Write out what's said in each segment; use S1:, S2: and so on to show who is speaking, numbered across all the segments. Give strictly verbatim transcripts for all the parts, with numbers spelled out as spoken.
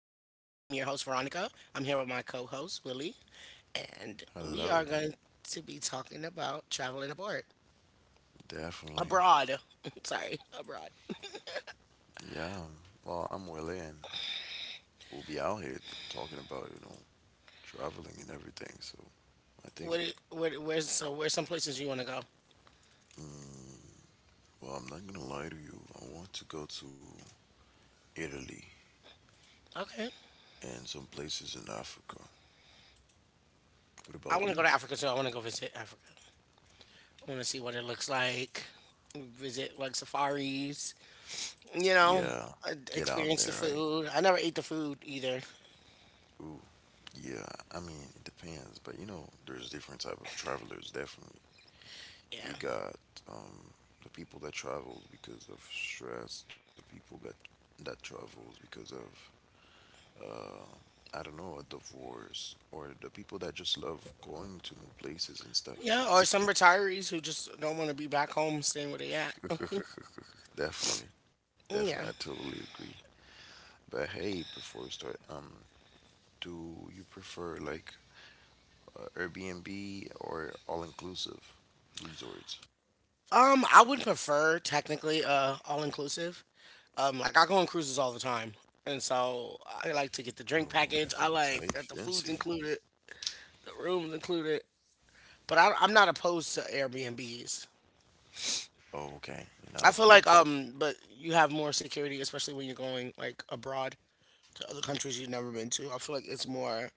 S1: your host, Veronica. I'm here with my co host, Willie, and we are
S2: Hello,
S1: going to be talking about traveling abroad.
S2: definitely.
S1: Abroad. Sorry, abroad.
S2: Yeah. Well, I'm Willie, and we'll be out here t- talking about, you know, traveling and everything. So I think,
S1: What, I- what, where's, so, where's some places you want to go?
S2: well, I'm not gonna lie to you. I want to go to Italy
S1: Okay.
S2: and some places in Africa. What
S1: I
S2: about
S1: want to go
S2: you?
S1: to Africa too. I want to go visit Africa. I want to see what it looks like, visit like safaris, you know,
S2: Yeah,
S1: uh,
S2: get out there,
S1: experience the
S2: right?
S1: food. I never ate the food either.
S2: Ooh, yeah. I mean, it depends, but you know, there's different type of travelers. Definitely,
S1: Yeah.
S2: you got um the people that travels because of stress, the people that that travels because of uh, I don't know, a divorce, or the people that just love going to new places and stuff. So
S1: Yeah, or some retirees who just don't want to be back home staying where they at.
S2: yeah, definitely, definitely, I
S1: Yeah.
S2: totally agree. But hey, before we start, um, do you prefer like uh, Airbnb or all-inclusive resorts?
S1: Um, I would prefer technically uh all inclusive. Um, like I go on cruises all the time, and so I like to get the drink
S2: Oh,
S1: package. I like
S2: okay,
S1: that the food's
S2: fancy.
S1: included, the room's included. But I, I'm not opposed to Airbnbs.
S2: Oh, okay, you're
S1: I
S2: not
S1: feel like
S2: opposed.
S1: um, but you have more security, especially when you're going like abroad to other countries you've never been to. I feel like it's more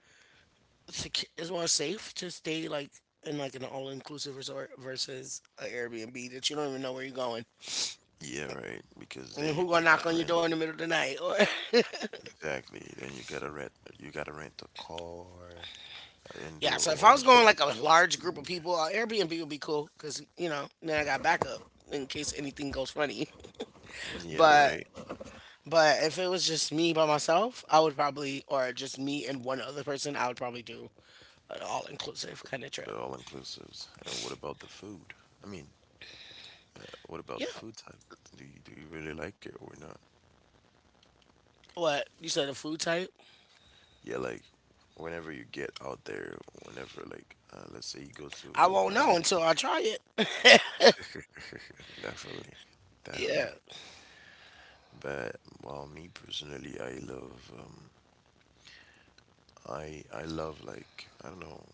S1: sec- it's more safe to stay like in like an all inclusive resort versus a Airbnb that you don't even know where you're going.
S2: Yeah, right. Because
S1: And
S2: then
S1: who
S2: you
S1: gonna
S2: gotta
S1: knock on
S2: rent.
S1: your door in the middle of the night? Or
S2: Exactly. Then you gotta rent. You gotta rent a car. I didn't do
S1: yeah,
S2: a
S1: so if
S2: whole
S1: I was
S2: bunch of
S1: going like a
S2: processed
S1: large group of
S2: food.
S1: people, uh, Airbnb would be cool because you know then I got backup in case anything goes funny.
S2: Yeah,
S1: But
S2: right.
S1: but if it was just me by myself, I would probably or just me and one other person, I would probably do an all inclusive kind of trip.
S2: They're all inclusives. And what about the food? I mean, uh, what about the
S1: Yeah.
S2: food type? Do you do you really like it or not?
S1: What you said, a food type?
S2: Yeah, like whenever you get out there, whenever like uh, let's say you go to
S1: I
S2: I
S1: won't
S2: don't
S1: know until I try it.
S2: know, definitely, definitely.
S1: Yeah.
S2: But well, me personally, I love um, I I love like I don't know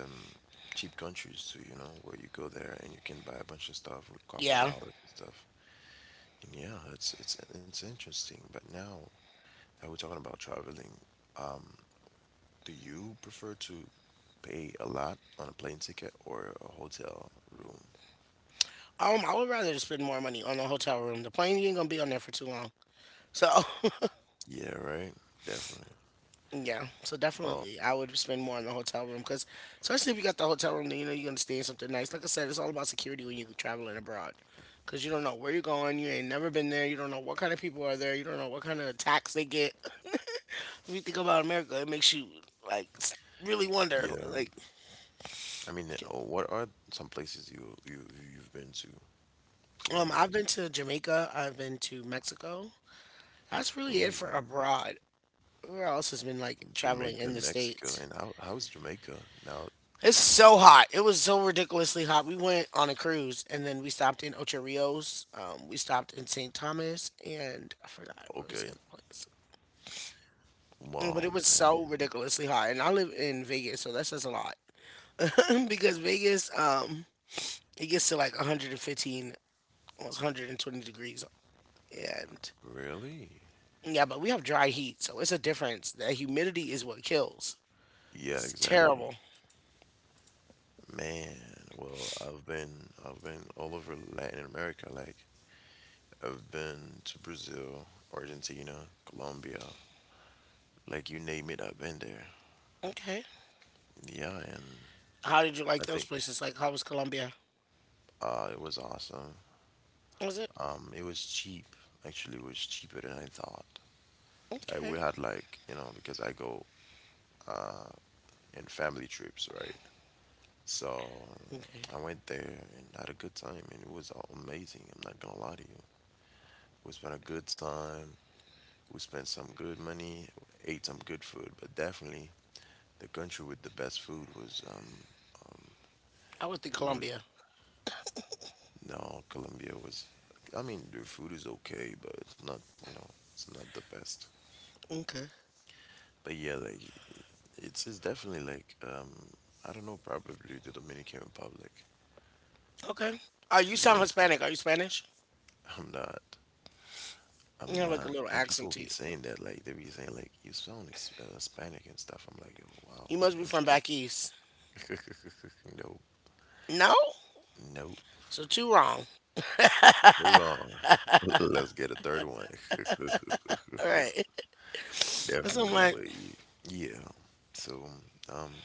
S2: them cheap countries too. You know where you go there and you can buy a bunch of stuff with a couple
S1: Yeah.
S2: dollars and stuff. And yeah, it's it's it's interesting. But now that we're talking about traveling, um, do you prefer to pay a lot on a plane ticket or a hotel room?
S1: Um, I would rather just spend more money on a hotel room. The plane you ain't gonna be on there for too long. So
S2: Yeah, right. Definitely.
S1: yeah, so
S2: Well,
S1: definitely I would spend more on the hotel room because especially if you got the hotel room, then you know you're gonna stay in something nice. Like I said, it's all about security when you're traveling abroad because you don't know where you're going. You ain't never been there. You don't know what kind of people are there. You don't know what kind of attacks they get. If you think about America, it makes you like s- really wonder.
S2: yeah.
S1: Like,
S2: I mean, uh, what are some places you you you've been to? To be
S1: um, I've
S2: honest.
S1: been to Jamaica. I've been to Mexico. That's really it for
S2: Ooh,
S1: abroad. Where else has been like traveling
S2: Jamaica,
S1: in the
S2: Mexico,
S1: states?
S2: and how how's Jamaica now?
S1: It's so hot. It was so ridiculously hot. We went on a cruise and then we stopped in Ocho Rios. Um, we stopped in Saint Thomas and I forgot where was the
S2: Okay.
S1: other place. Mm, But
S2: Wow,
S1: it was
S2: man.
S1: so ridiculously hot. And I live in Vegas, so that says a lot. Because Vegas, um, it gets to like one hundred fifteen, almost one hundred twenty degrees. And
S2: Really?
S1: yeah, but we have dry heat, so it's a difference. That humidity is what kills.
S2: Yeah,
S1: It's
S2: exactly.
S1: terrible.
S2: Man, well, I've been I've been all over Latin America. Like I've been to Brazil, Argentina, Colombia, like you name it, I've been there.
S1: Okay.
S2: Yeah, and
S1: How did you
S2: I
S1: like those
S2: think
S1: places? Like, how was Colombia?
S2: uh, it was awesome.
S1: Was it
S2: Um, it was cheap. Actually, it was cheaper than I thought. Like
S1: okay?
S2: we had like you know because I go uh, in family trips, right? So
S1: Okay,
S2: I went there and had a good time, and it was all amazing. I'm not gonna lie to you. We spent a good time. We spent some good money, ate some good food, but definitely the country with the best food was um, um
S1: I went to
S2: it was
S1: Colombia.
S2: no Colombia was. I mean, their food is okay, but it's not you know it's not the best.
S1: Okay,
S2: But yeah, like it's it's definitely like um I don't know probably the Dominican Republic.
S1: okay. Oh, you
S2: Yeah,
S1: sound Hispanic. Are you Spanish?
S2: I'm not.
S1: You
S2: I'm
S1: have like a
S2: not.
S1: little
S2: And
S1: accent
S2: people
S1: to
S2: be
S1: you.
S2: saying that, like, they be saying, like, you sound ex- uh, Hispanic and stuff. I'm like, oh, wow,
S1: You must be from
S2: interesting.
S1: back east.
S2: No,
S1: No,
S2: no.
S1: so two wrong.
S2: Hold on. Let's get a third one.
S1: All right. so I'm
S2: Definitely,
S1: like,
S2: but y- yeah. So um,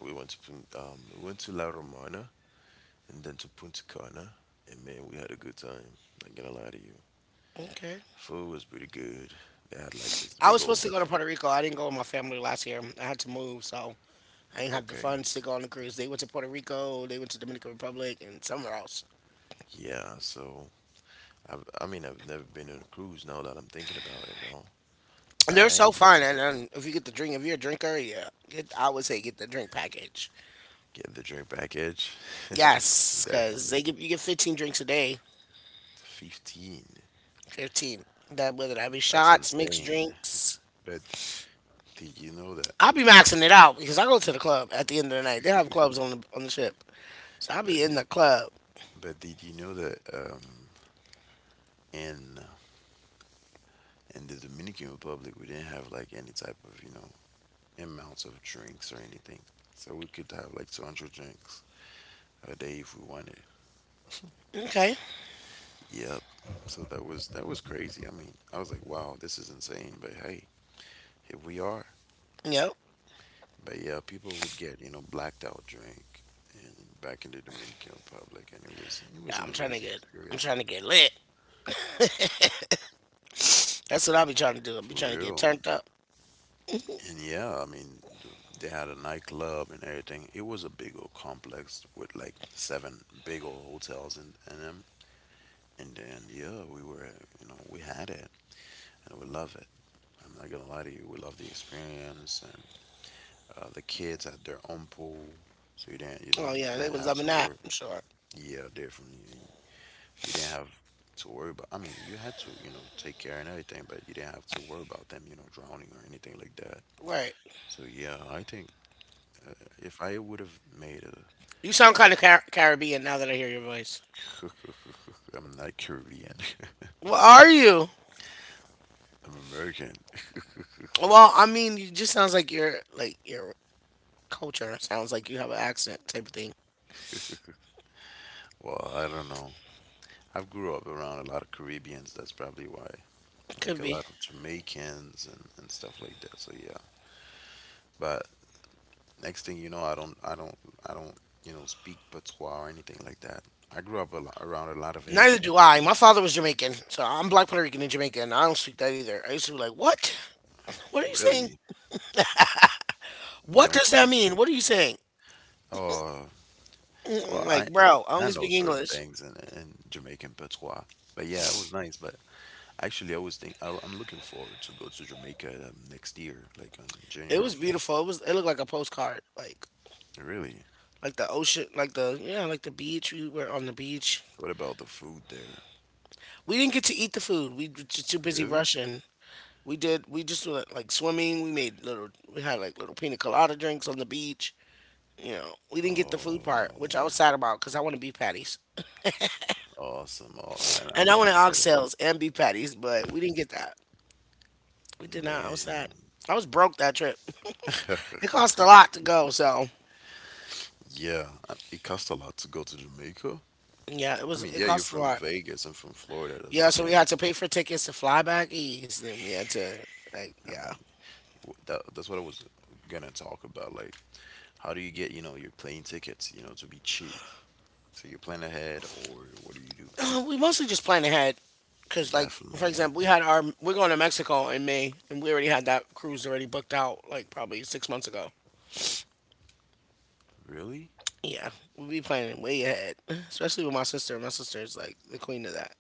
S2: we went to Pun- um, we went to La Romana and then to Punta Cana, and man, we had a good time. Not gonna lie to you,
S1: okay.
S2: food was pretty good. They had like this
S1: I
S2: big
S1: was
S2: old
S1: supposed to go to
S2: buffet.
S1: Puerto Rico. I didn't go with my family last year. I had to move, so I didn't have the
S2: Okay,
S1: funds to go on the cruise. They went to Puerto Rico. They went to Dominican Republic and somewhere else.
S2: yeah. So I've, I mean, I've never been on a cruise. Now that I'm thinking about it, you know.
S1: And
S2: But
S1: they're
S2: hey,
S1: so fun. And, and if you get the drink, if you're a drinker, yeah, get, I would say get the drink package.
S2: get the drink package.
S1: Yes, because
S2: Definitely.
S1: they give you get fifteen drinks a day.
S2: fifteen.
S1: fifteen. That whether that be
S2: That's
S1: shots, mixed
S2: insane.
S1: drinks.
S2: But did you know that?
S1: I'll be maxing it out because I go to the club at the end of the night. They have clubs on the on the ship, so I'll
S2: But
S1: be
S2: di-
S1: in the club.
S2: but did you know that um, in in the Dominican Republic we didn't have like any type of you know amounts of drinks or anything, so we could have like two hundred drinks a day if we wanted.
S1: Okay.
S2: Yep. So that was that was crazy. I mean, I was like, wow, this is insane. But hey, here we are.
S1: Yep.
S2: But yeah, people would get you know blacked out drink, and back in the Dominican Republic, and it was it was
S1: Yeah,
S2: an
S1: I'm trying to
S2: amazing
S1: get I'm
S2: experience
S1: trying to get lit. That's what I'll be trying to do. I'll be
S2: for
S1: trying to get
S2: real.
S1: turned up.
S2: And yeah, I mean, th- they had a nightclub and everything. It was a big old complex with like seven big old hotels in, in them. And then, yeah, we were, you know, we had it and we love it. I'm not gonna lie to you, we love the experience. And uh, the kids had their own pool, so you didn't, you know,
S1: Oh yeah,
S2: you
S1: they
S2: didn't
S1: was
S2: have
S1: loving
S2: to
S1: that.
S2: work.
S1: I'm sure.
S2: Yeah, definitely. You didn't have to worry about, I mean, you had to, you know, take care and everything, but you didn't have to worry about them, you know, drowning or anything like that.
S1: Right.
S2: So yeah, I think if I would have made
S1: You sound kind of Car- Caribbean now that I hear your voice.
S2: a, I'm not Caribbean.
S1: Well, are you?
S2: I'm American.
S1: Well, I mean, you just sounds like your like your culture sounds like you have an accent type of thing.
S2: Well, I don't know. I've grew up around a lot of Caribbeans. That's probably why. Like
S1: Could
S2: a
S1: be.
S2: lot of Jamaicans and, and stuff like that. So yeah. But next thing you know, I don't, I don't, I don't, you know, speak patois or anything like that. I grew up a lot, around a lot of
S1: Neither
S2: Haitians
S1: do I.
S2: too.
S1: My father was Jamaican, so I'm black Puerto Rican and Jamaican. I don't speak that either. I used to be like, "What? What are you saying?
S2: Really, you
S1: What
S2: don't
S1: does that
S2: speak.
S1: mean? What are you saying?"
S2: Oh,
S1: Mm-mm,
S2: well,
S1: like,
S2: I,
S1: bro, I
S2: I
S1: only
S2: know
S1: speak
S2: certain
S1: English.
S2: things in, in Jamaican patois. But yeah, it was nice. But actually, I was think I'll, I'm looking forward to go to Jamaica um, next year, like on January
S1: It
S2: or
S1: was beautiful. It was. It looked like a postcard, like
S2: February. Really?
S1: like the ocean, like the yeah, like the beach. We were on the beach.
S2: What about the food there?
S1: We didn't get to eat the food. We were just too busy
S2: Really?
S1: rushing. We did. We just were like swimming. We made little. We had like little pina colada drinks on the beach. You know, we didn't get the food part, which I
S2: Oh,
S1: was sad about because I want to be patties.
S2: awesome. Oh, I, I
S1: And I
S2: mean, I
S1: wanted
S2: get it.
S1: oxtails and beef patties, but we didn't get that. We did not. I was
S2: Man.
S1: sad. I was broke that trip. It cost a lot to go, so
S2: Yeah, I- it costs a lot to go to Jamaica.
S1: yeah, it
S2: I
S1: was.
S2: mean,
S1: It
S2: yeah, you're
S1: cost a
S2: from
S1: lot.
S2: Vegas. I'm from Florida.
S1: Yeah,
S2: That's the
S1: so we had
S2: thing.
S1: to pay for tickets to fly back east, and we had to like
S2: I
S1: yeah.
S2: mean, w- that, that's what I was gonna talk about. Like, how do you get, you know, your plane tickets, you know, to be cheap? So you plan ahead, or what do you do?
S1: We mostly just plan ahead, cause like for
S2: Definitely.
S1: example, we had our we're going to Mexico in May, and we already had that cruise already booked out like probably six months ago.
S2: Really?
S1: Yeah, we be planning way ahead, especially with my sister. My sister is like the queen of that.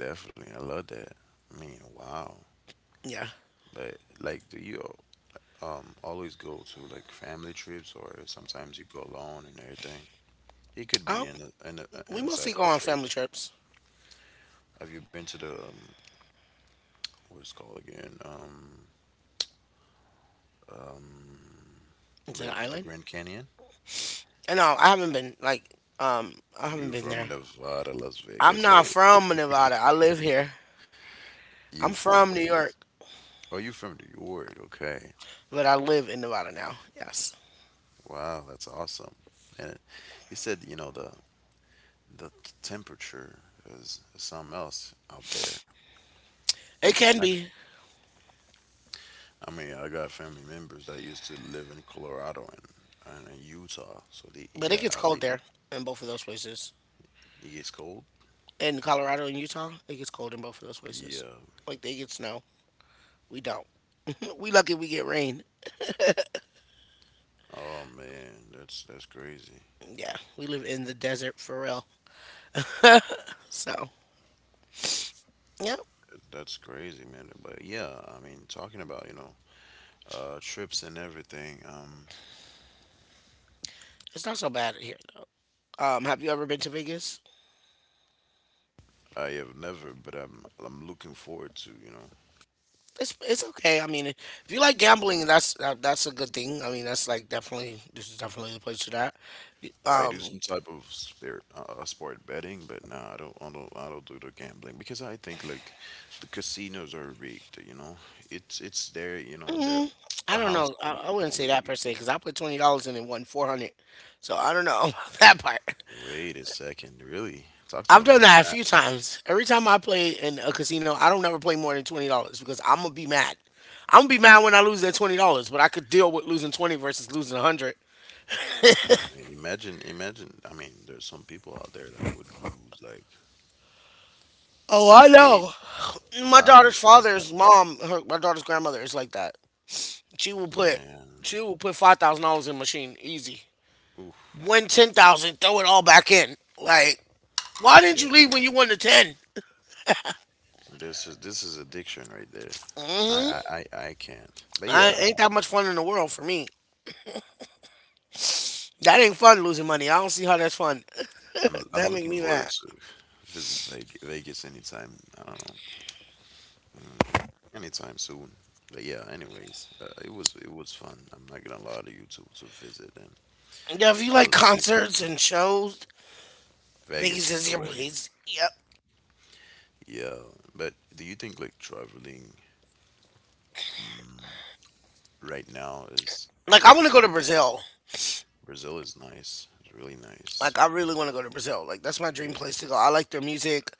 S2: Definitely. I love that. I mean, wow.
S1: Yeah.
S2: But like, do you um always go to like family trips or sometimes you go alone and everything? It could be
S1: Oh.
S2: in the in a,
S1: We mostly
S2: inside
S1: go
S2: of a
S1: on family
S2: state.
S1: trips
S2: Have you been to the um what it's called again? Um um
S1: to
S2: the
S1: the
S2: the
S1: island.
S2: Grand Canyon?
S1: And no, I haven't been like um I haven't
S2: You
S1: been there.
S2: from Nevada, Las
S1: I'm
S2: Vegas,
S1: not
S2: right?
S1: from Nevada. I live here.
S2: You
S1: I'm
S2: from
S1: from New
S2: Vegas.
S1: York,
S2: Oh, you from New York. Okay.
S1: but I live in Nevada now. Yes.
S2: Wow, that's awesome. And you said, you know, the the temperature is something else out there. You-
S1: It can
S2: I,
S1: be,
S2: I mean, I got family members that used to live in Colorado and, and in Utah. So they,
S1: but
S2: yeah,
S1: it gets
S2: they
S1: cold there in both of those places.
S2: it gets cold.
S1: In Colorado and Utah, it gets cold in both of those places.
S2: Yeah.
S1: Like they get snow. We don't. We lucky we get rain.
S2: Oh man, that's that's crazy.
S1: Yeah, we live in the desert for real. So, yeah,
S2: That's crazy, man. But yeah, I mean, talking about, you know, uh trips and everything, um
S1: it's not so bad here. Um, have you ever been to Vegas?
S2: I have never, but I'm I'm looking forward to, you know,
S1: it's it's okay. I mean, if you like gambling, that's that, that's a good thing. I mean, that's like definitely this is definitely the place for that. You-
S2: I do
S1: Um,
S2: some type of spirit uh, uh, sport betting, but no, I don't, I don't, I don't do the gambling because I think like the casinos are rigged. You know, it's it's there. You know, they're
S1: mm,
S2: the
S1: I don't
S2: house
S1: know. I,
S2: only
S1: I wouldn't say
S2: only
S1: that per
S2: wins.
S1: se because I put twenty dollars in and won four hundred. So I don't know about that part.
S2: Wait a second, really? Talk to me
S1: I've done
S2: about
S1: that a
S2: that.
S1: few times. Every time I play in a casino, I don't never play more than twenty dollars because I'm gonna be mad. I'm gonna be mad when I lose that twenty dollars, but I could deal with losing twenty versus losing a hundred.
S2: I mean, imagine, imagine. I mean, there's some people out there that would lose like
S1: Oh, I know.
S2: eight,
S1: My
S2: five hundred
S1: daughter's
S2: k.
S1: father's mom, her, my daughter's grandmother is like that. She will put
S2: Man,
S1: she will put five thousand dollars in the machine easy.
S2: oof,
S1: Win ten thousand, throw it all back in. Like, why didn't
S2: yeah.
S1: you leave when you won the ten?
S2: This is this is addiction right there. I I I, I can't. But yeah,
S1: I ain't that much fun in the world for me. That ain't fun losing money. I don't see how that's fun.
S2: I'm I'm
S1: That make
S2: looking
S1: me mad.
S2: forward to visit Veg- Vegas anytime. I don't know, mm, anytime soon. But yeah, anyways, uh, it was it was fun. I'm not gonna lie to you to to visit and
S1: Yeah, if you
S2: all
S1: like
S2: those places.
S1: concerts and shows,
S2: Vegas
S1: Vegas
S2: is
S1: is
S2: the
S1: your
S2: way.
S1: place. Yep.
S2: Yeah, but do you think like traveling um, right now is
S1: Like I want to go
S2: difficult?
S1: to Brazil.
S2: Brazil is nice. It's really
S1: Like
S2: nice.
S1: I really want to go to Brazil. Like that's my dream
S2: Like,
S1: place to go. I like their music.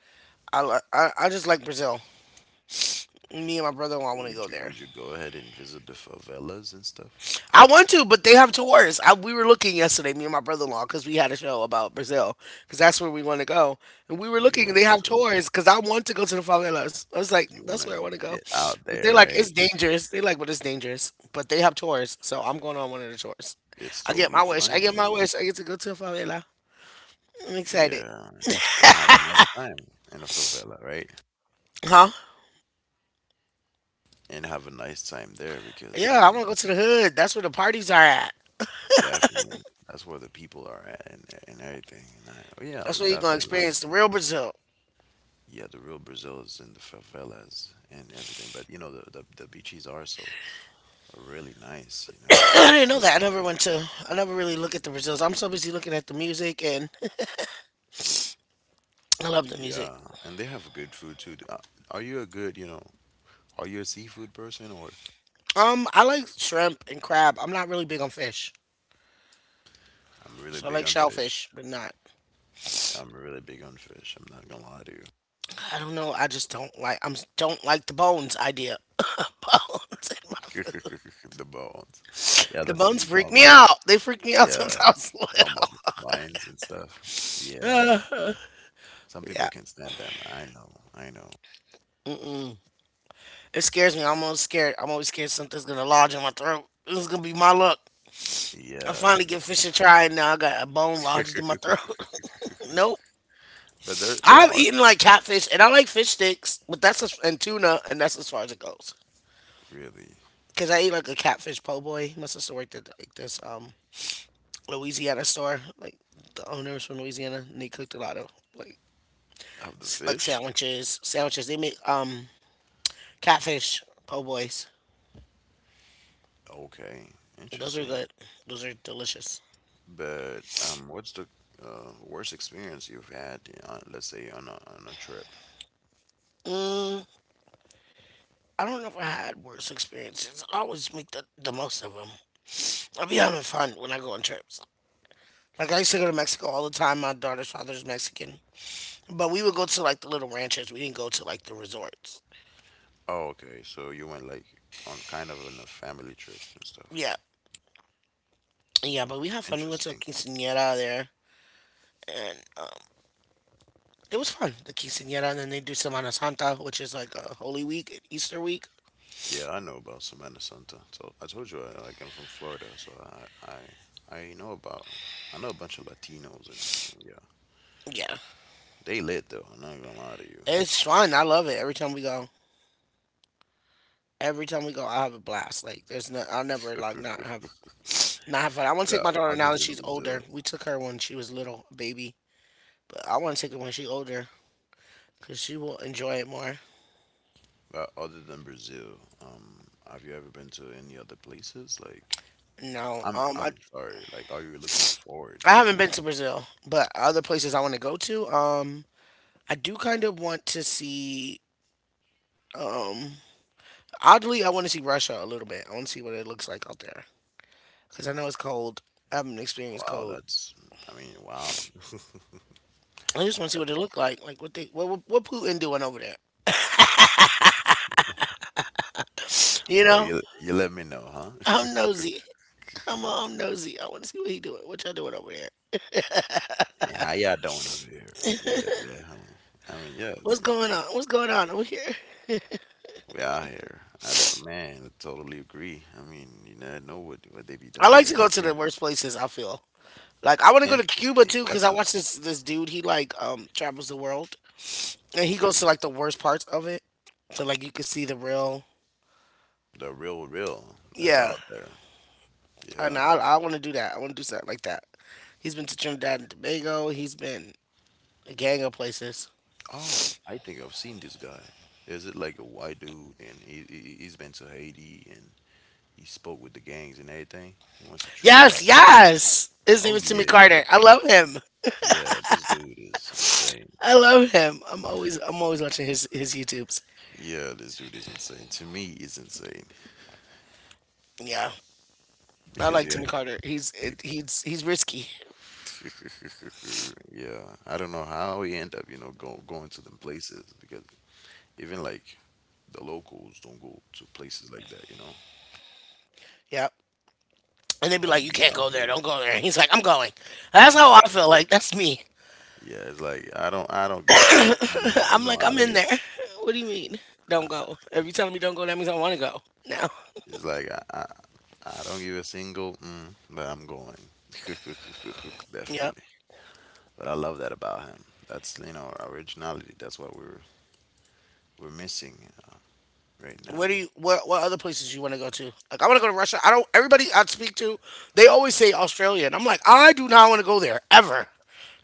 S1: I li- I, I just like Brazil. Me and my brother-in-law want to
S2: would
S1: go
S2: you
S1: there.
S2: would you go ahead and visit the favelas and stuff?
S1: I want to, but they have tours. I, we were looking yesterday, me and my brother in law, because we had a show about Brazil, because that's where we want to go. And we were
S2: Or you
S1: looking,
S2: want
S1: and
S2: to
S1: they
S2: go
S1: have
S2: to the
S1: tours, because I want to go to the favelas. I was like,
S2: you want
S1: that's where I
S2: to
S1: want to go.
S2: get out
S1: But they're
S2: there,
S1: like,
S2: right?
S1: it's dangerous. They're like, but it's dangerous. But they have tours, so I'm going on one of the tours.
S2: It's
S1: I get my
S2: totally
S1: wish. I
S2: fine. I
S1: get my
S2: mean,
S1: wish. I get to go to a favela. I'm excited.
S2: yeah, and have a nice time in a favela, right?
S1: Huh?
S2: And have a nice time there because I
S1: Yeah, I want
S2: mean,
S1: to go to the hood. That's where the parties are at.
S2: definitely that's where the people are at and and everything. And I, oh yeah,
S1: That's
S2: we
S1: where you're going to
S2: definitely love.
S1: experience the real Brazil.
S2: Yeah, the real Brazil is in the favelas and everything. But you know, the the, the beaches are so are really nice. You know,
S1: I didn't
S2: you
S1: know
S2: got
S1: that. I
S2: the
S1: never went to, I never really look at the Brazils. I'm so busy looking at the music and I love the
S2: big-
S1: music.
S2: yeah, and they have good food too. Uh, Are you a good, you know, are you a seafood person or?
S1: Um, I like shrimp and crab. I'm not really big on fish.
S2: I'm really
S1: So I
S2: big
S1: like
S2: on fish.
S1: shellfish, but not.
S2: I'm really big on fish. I'm not gonna lie to you.
S1: I don't know. I just don't like. I'm don't like the bones idea. Bones in my food.
S2: The bones. Yeah,
S1: The
S2: that's what
S1: bones
S2: you're
S1: freak
S2: talking
S1: me
S2: about.
S1: out. They freak me
S2: the-
S1: out
S2: Yeah,
S1: since I was
S2: you're talking about the
S1: little.
S2: spines and stuff. Yeah, some people
S1: Yeah,
S2: can't stand them. I know, I know.
S1: it scares me. I'm always scared. I'm always scared something's gonna lodge in my throat. This is gonna be my luck. I
S2: Yeah,
S1: finally give fish a try, and now I got a bone lodged in my throat. Nope.
S2: but there there
S1: I've
S2: are
S1: eaten like catfish, and I like fish sticks, but that's as and tuna, and that's as far as it goes.
S2: really
S1: Cause I ate like a catfish po' boy. He must have worked at like this um Louisiana store. Like the owner was from Louisiana, and they cooked a lot of like
S2: of the
S1: s- like
S2: fish.
S1: sandwiches. Sandwiches. They make um catfish po' boys.
S2: Okay,
S1: Those are
S2: interesting.
S1: good. Those are delicious.
S2: But um, what's the uh, worst experience you've had? Uh, let's say on a on a trip.
S1: Mm, I don't know if I had worse experiences. I always make the the most of them. I be having fun when I go on trips. Like I used to go to Mexico all the time. My daughter's father's Mexican, but we would go to like the little ranches. We didn't go to like the resorts.
S2: Oh, okay. So you went like on kind of on a family trip and stuff.
S1: Yeah. Yeah, but we had fun. We went to a
S2: Interesting.
S1: quinceañera there, and um, it was fun. The quinceañera, and then they do Semana Santa, which is like a Holy Week, Easter week.
S2: Yeah, I know about Semana Santa. So I told you, I, like I'm from Florida, so I I I know about I know a bunch of Latinos and, and yeah,
S1: Yeah,
S2: they lit though. I'm not even gonna lie to you.
S1: it's fun. I love it every time we go. Every time we go, I have a blast. Like there's no, I'll never like not have not have fun. I want to take
S2: but
S1: my daughter
S2: other
S1: now that
S2: than
S1: she's
S2: Brazil,
S1: older. We took her when she was little, a baby, but I want to take her when she's older because she will enjoy it more.
S2: but other than Brazil, um, have you ever been to any other places? Like,
S1: No,
S2: I'm
S1: um, I
S2: I'm sorry. Like, are you looking forward?
S1: I
S2: You know,
S1: haven't been to Brazil, but other places I want to go to. Um, I do kind of want to see. Um, oddly, I want to see Russia a little bit. I want to see what it looks like out there because I know it's cold. I haven't experienced
S2: Wow,
S1: cold.
S2: that's. I mean, wow.
S1: I just want to see what it look like. Like what they what what, what Putin doing over there? You
S2: Well,
S1: know,
S2: you you let me know, huh?
S1: I'm nosy. I'm I'm nosy. I want to see what he doing. What y'all doing over there?
S2: Yeah, how y'all doing over here? Yeah, definitely. I mean, yeah,
S1: What's
S2: it's,
S1: going on? What's going on over here?
S2: we out here. I, that- man, I totally agree. I mean, you never know what what they be
S1: I
S2: doing
S1: like to
S2: there.
S1: go to
S2: Yeah,
S1: the worst places. I feel like I want to go to Cuba
S2: interesting.
S1: too because
S2: That's
S1: I
S2: an
S1: watch this this dude. He like um travels the world and he goes
S2: Okay.
S1: to like the worst parts of it. So like you can see the real,
S2: The real, real that's
S1: yeah.
S2: out there.
S1: And
S2: Yeah.
S1: I, I want to do that. I want to do something like that. He's been to Trinidad and Tobago. He's been a gang of places.
S2: Oh, I think I've seen this guy. Is it like a white dude, and he, he he's been to Haiti, and he spoke with the gangs and everything. He went to Trinidad.
S1: Yes, yes. His
S2: Oh
S1: name is Timmy
S2: yeah,
S1: Carter. I love him.
S2: yeah. This dude is insane.
S1: I love him. I'm always I'm always watching his his YouTubes.
S2: Yeah, this dude is insane. To me, he's insane
S1: Yeah, I
S2: because
S1: like
S2: yeah,
S1: Timmy Carter. He's it, he's he's risky.
S2: yeah, I don't know how he end up, you know, go, going to them places because even like the locals don't go to places like that, you know.
S1: Yeah. And they'd be
S2: Glad he
S1: like, "You
S2: be
S1: can't go
S2: out
S1: there.
S2: here.
S1: Don't go there." And he's like, "I'm going." That's how
S2: I'm,
S1: I feel. Like that's me.
S2: yeah, it's like I don't, I don't give a, mhm, you
S1: I'm
S2: know,
S1: like,
S2: I
S1: I'm
S2: don't
S1: in
S2: give.
S1: there. What do you mean? Don't
S2: I,
S1: go. If you telling me don't go, that means I want to go now.
S2: it's like I, I, I don't give a single, mm, but I'm going.
S1: Yeah.
S2: Definitely. But I love that about him. That's you know our originality. That's what we're we're missing right
S1: Where do
S2: now.
S1: you? What what other places you want to go to? Like I want to go to Russia. I don't. Everybody I speak to, they always say Australia, and I'm like, I do not want to go there ever.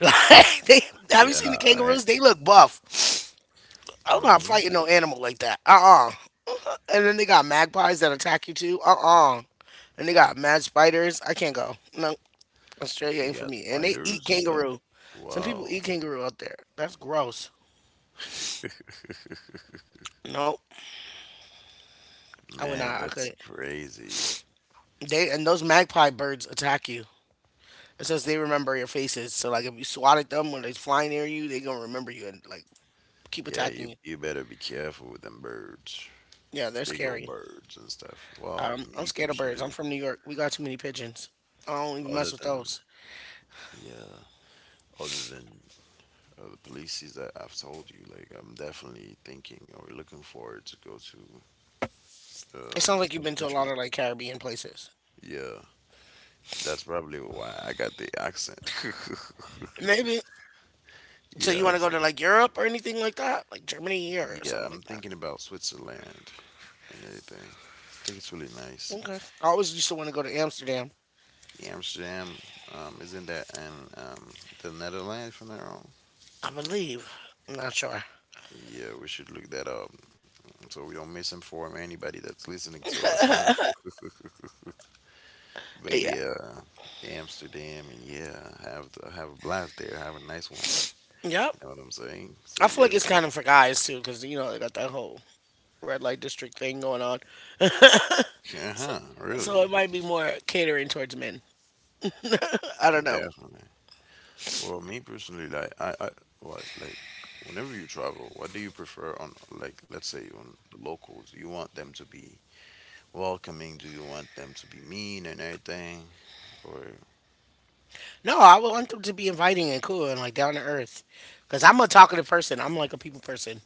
S1: Like they, have you
S2: Yeah.
S1: seen the
S2: Right.
S1: kangaroos? They look buff. I'm not
S2: Mm-hmm.
S1: fighting no animal like that. Uh uh. And then they got magpies that attack you too. Uh uh. And they got mad spiders. I can't go. No, Australia ain't
S2: He
S1: for
S2: got
S1: me. And they eat
S2: spiders and stuff?
S1: kangaroo. Some people
S2: Wow.
S1: eat kangaroo out there. That's gross. Nope. I would
S2: Man,
S1: not. I
S2: that's
S1: couldn't.
S2: crazy.
S1: They and those magpie birds attack you. It says they remember your faces. So like if you swat at them when they fly near you, they gonna remember you and like keep
S2: Yeah,
S1: attacking
S2: you
S1: you.
S2: you better be careful with them birds.
S1: Yeah, they're
S2: Big old
S1: scary.
S2: birds and stuff. Well,
S1: Um, I'm
S2: me
S1: scared of birds. I'm
S2: personally,
S1: from New York. We got too many pigeons. I don't even mess
S2: other
S1: with
S2: than
S1: those.
S2: yeah, other than uh, the places that I've told you, like I'm definitely thinking or looking forward to go to
S1: It sounds
S2: um
S1: like you've
S2: some
S1: been to a lot
S2: countries.
S1: of like Caribbean places.
S2: Yeah, that's probably why I got the accent.
S1: Maybe. So you
S2: Yeah,
S1: want to go
S2: so,
S1: to like Europe or anything like that, like Germany or
S2: yeah,
S1: something
S2: I'm
S1: like that.
S2: thinking about Switzerland and everything. I think it's really nice.
S1: Okay. I always used to want to go to Amsterdam.
S2: Yeah, Amsterdam, um, isn't that in um, the Netherlands, if I'm not wrong?
S1: I believe. I'm not sure.
S2: Yeah, we should look that up so we don't misinform anybody that's listening to us, huh? But
S1: Yeah.
S2: yeah, Amsterdam, and yeah, have have a blast there, have a nice one.
S1: Yep.
S2: You know what I'm saying? So
S1: I feel
S2: yeah,
S1: like it's kind of for guys too, because you know they got that whole red light district thing going on.
S2: uh huh,
S1: So
S2: really,
S1: it might be more catering towards men. I don't know.
S2: definitely. Well, me personally, like I, I, what, like, whenever you travel, what do you prefer on, like, let's say on the locals? You want them to be welcoming? Do you want them to be mean and everything? Or
S1: No, I would want them to be inviting and cool and like down to earth. Cause I'm a talkative person. I'm like a people person.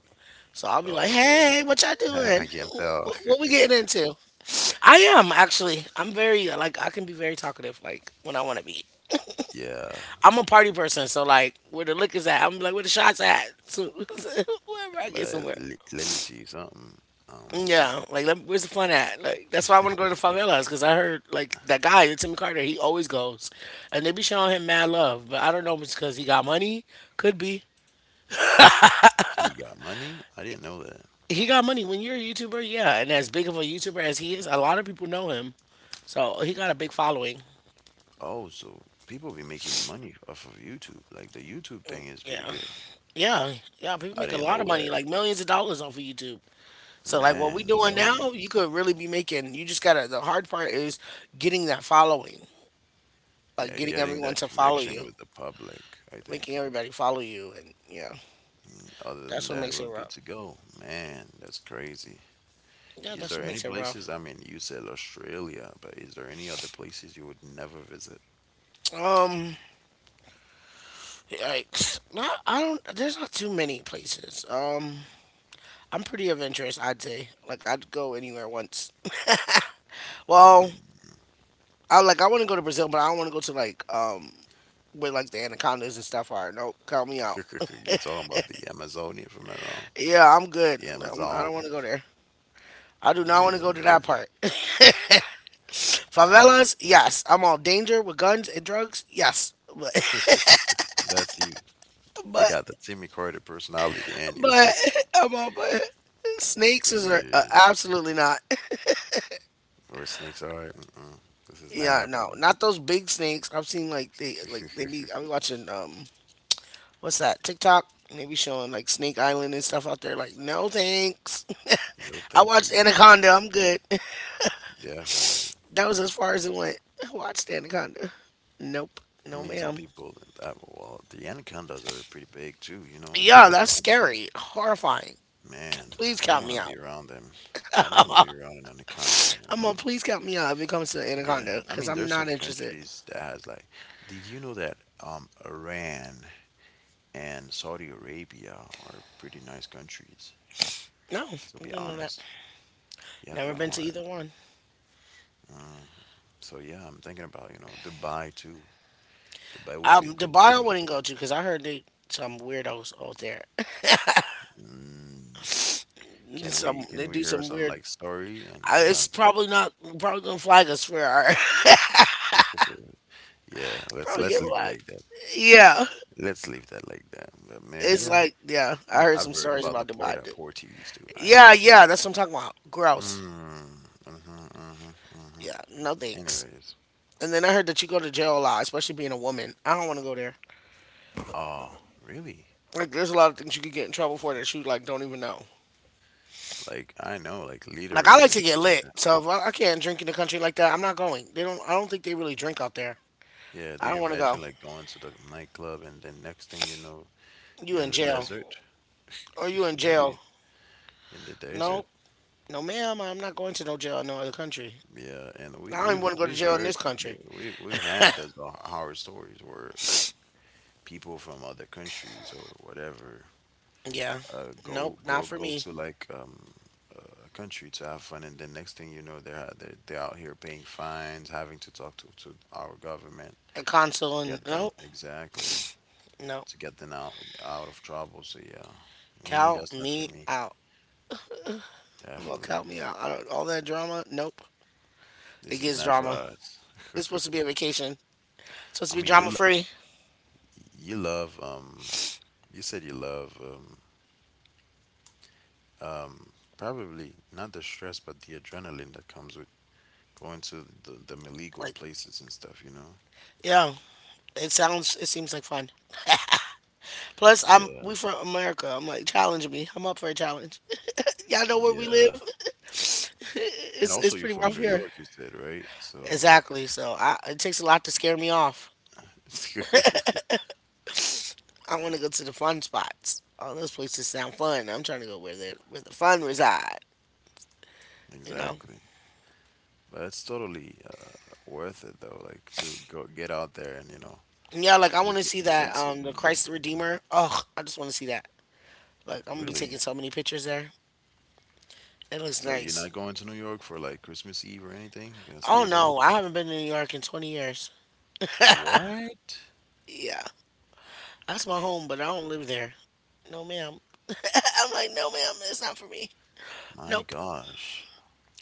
S1: So I'll be
S2: Oh,
S1: like,
S2: okay.
S1: hey, what y'all doing?
S2: I can not tell.
S1: Wh- What we getting into? I am actually. I'm very like I can be very talkative. Like when I want to be.
S2: Yeah,
S1: I'm a party person. So like where the liquor's at, I'm like where the shots at. So wherever I get somewhere.
S2: but l- let me see something. Um,
S1: Yeah, like let, where's the fun at? Like that's why I want to go to the favelas because I heard like that guy, the Timmy Carter, he always goes, and they be showing him mad love. But I don't know if it's because he got money. Could be
S2: he got money. I didn't know that.
S1: he got money. When you're a YouTuber, yeah, and as big of a YouTuber as he is, a lot of people know him, so he got a big following.
S2: Oh, so people be making money off of YouTube. Like the YouTube thing is pretty
S1: Yeah,
S2: good.
S1: yeah, yeah. People
S2: I
S1: make a
S2: didn't
S1: lot of
S2: know
S1: money,
S2: that.
S1: like millions of dollars off of YouTube. So like what
S2: Man,
S1: we doing now,
S2: millions.
S1: you could really be making. You just gotta. The hard part is getting that following, like
S2: Yeah,
S1: getting
S2: getting
S1: everyone
S2: that
S1: to follow
S2: connection
S1: you.
S2: with the public, I
S1: Making
S2: think.
S1: everybody follow you, and yeah,
S2: Other
S1: that's
S2: than
S1: what
S2: that,
S1: makes
S2: we're
S1: it
S2: good
S1: rough.
S2: to go. Man, that's crazy.
S1: Yeah,
S2: Is
S1: that's
S2: there
S1: what
S2: any
S1: makes it rough.
S2: places? I mean, you said Australia, but is there any other places you would never visit?
S1: Um, yikes. Not, I don't. There's not too many places. Um, I'm pretty adventurous. I'd say. Like, I'd go anywhere once. Well, I like. I want to go to Brazil, but I don't want to go to like um where like the anacondas and stuff are. Nope, count me out.
S2: You're talking about the Amazonia, if I'm not wrong.
S1: Yeah, I'm good.
S2: The
S1: I'm, I don't
S2: Amazon.
S1: want to go there. I do not want to go to that
S2: Yeah.
S1: part.
S2: I mean,
S1: Favelas, yes. I'm all danger with guns and drugs, yes. But,
S2: that's you. You
S1: but.
S2: got the Timmy Carter personality in you.
S1: But I'm on, but snakes is a, uh,
S2: Yeah.
S1: absolutely not.
S2: Where snakes are. Mm-mm. This is not
S1: Yeah, no,
S2: happening.
S1: not those big snakes. I've seen like they like they be. I be watching um, what's that TikTok? And they be showing like Snake Island and stuff out there. Like no thanks.
S2: No,
S1: I
S2: thank
S1: watched
S2: you.
S1: Anaconda. I'm good.
S2: Definitely.
S1: That was as far as it went. I watched Anaconda. Nope.
S2: I
S1: No,
S2: mean, some
S1: ma'am.
S2: people, that, well, the anacondas are pretty big too, you know? You
S1: Yeah,
S2: gotta be
S1: that's
S2: honest.
S1: scary. Horrifying. C-
S2: Man,
S1: Please
S2: I don't
S1: count
S2: want
S1: me
S2: to be
S1: out.
S2: around them. I don't want to be around an anaconda, man.
S1: I'm
S2: Come
S1: gonna
S2: on.
S1: please count me out if it comes to
S2: Yeah,
S1: Anaconda
S2: I
S1: because
S2: mean,
S1: I'm
S2: there's
S1: not
S2: some
S1: interested.
S2: countries that has like, did you know that um Iran and Saudi Arabia are pretty nice countries?
S1: No, I
S2: To be
S1: didn't know that.
S2: honest, yeah, they
S1: Never been to
S2: are.
S1: either one.
S2: Mm. So yeah, I'm thinking about, you know, Dubai too. Dubai would be a
S1: Um,
S2: good
S1: Dubai I
S2: place.
S1: wouldn't go to because I heard they some weirdos out there.
S2: Mm. Can
S1: Some
S2: we
S1: they
S2: can we
S1: do
S2: hear
S1: some
S2: some
S1: weird.
S2: like story and
S1: I,
S2: and
S1: it's
S2: uh,
S1: probably not probably gonna flag us for our
S2: yeah, let's
S1: probably
S2: let's
S1: get
S2: leave it
S1: flagged.
S2: like that.
S1: Yeah,
S2: Let's leave that like that. But man,
S1: it's
S2: yeah,
S1: like yeah. I
S2: I've,
S1: heard
S2: I've
S1: some
S2: heard
S1: stories
S2: about the
S1: about
S2: port
S1: Dubai.
S2: at
S1: Dude.
S2: Portees too. I know.
S1: Yeah, yeah, that's what I'm talking about.
S2: Mm,
S1: Gross.
S2: mm-hmm, mm-hmm, mm-hmm.
S1: Yeah, no thanks.
S2: Anyways,
S1: And then I heard that you go to jail a lot, especially being a woman. I don't want to go there.
S2: oh, really?
S1: Like, there's a lot of things you could get in trouble for that you like don't even know.
S2: Like I know, like leader
S1: Like I
S2: ring
S1: like
S2: or
S1: to get
S2: something like
S1: lit,
S2: that.
S1: so if I, I can't drink in a country like that, I'm not going. They don't. I don't think they really drink out there.
S2: Yeah. Do
S1: I
S2: you
S1: don't want to go.
S2: imagine like going to the nightclub and then next thing you know,
S1: You
S2: you're in
S1: in
S2: the
S1: jail?
S2: desert?
S1: Or you in
S2: No, you're
S1: jail?
S2: in the desert.
S1: No, no, ma'am. I'm not going to no jail in no other country.
S2: Yeah, and
S1: I
S2: we
S1: don't even
S2: we've
S1: want to go to
S2: we've
S1: jail in
S2: heard
S1: this
S2: yeah,
S1: country.
S2: we we've had those ho- horror stories where like people from other countries or whatever
S1: Yeah.
S2: uh,
S1: Nope.
S2: go
S1: Not
S2: go
S1: for
S2: go
S1: me.
S2: to like um, a country to have fun, and then next thing you know, they're they're, they're out here paying fines, having to talk to, to our government
S1: A
S2: to
S1: consul and
S2: get them
S1: nope.
S2: exactly,
S1: Nope.
S2: to get them out out of trouble. So yeah, me
S1: Count
S2: that's not for
S1: me
S2: me.
S1: out. Well,
S2: Definitely,
S1: count me out. I don't, all that drama. Nope. It
S2: this is
S1: gets
S2: not for
S1: drama.
S2: us.
S1: It's supposed to be a vacation. It's supposed
S2: I
S1: to be
S2: mean, you
S1: drama
S2: lo-
S1: free.
S2: you love um you said you love um um probably not the stress but the adrenaline that comes with going to the the illegal
S1: Like,
S2: places and stuff. You know.
S1: yeah. It sounds. It seems like fun. Plus, I'm
S2: Yeah.
S1: we from America. I'm like, challenge me. I'm up for a challenge. Y'all know where we live.
S2: Yeah. And
S1: it's it's
S2: also, you're
S1: pretty
S2: from
S1: rough
S2: New
S1: here.
S2: York, you said, right? So,
S1: Exactly. So I, it takes a lot to scare me off. I want to go to the fun spots. All those places sound fun. I'm trying to go where the where the fun reside. You know.
S2: exactly. But it's totally uh, worth it, though, like to go get out there and, you know,
S1: Yeah, like I want to
S2: visit
S1: see
S2: the
S1: that
S2: places.
S1: um the
S2: And,
S1: Christ the
S2: and
S1: Redeemer. Oh, I just want to see that. Like I'm gonna be
S2: really?
S1: taking so many pictures there. It looks
S2: So, you're
S1: nice.
S2: not going to New York for like Christmas Eve or anything? You're gonna
S1: Oh
S2: stay there?
S1: no, I haven't been to New York in twenty years.
S2: What?
S1: Yeah, that's my home, but I don't live there. No, ma'am. I'm like, no, ma'am, it's not for me.
S2: My
S1: Nope.
S2: gosh.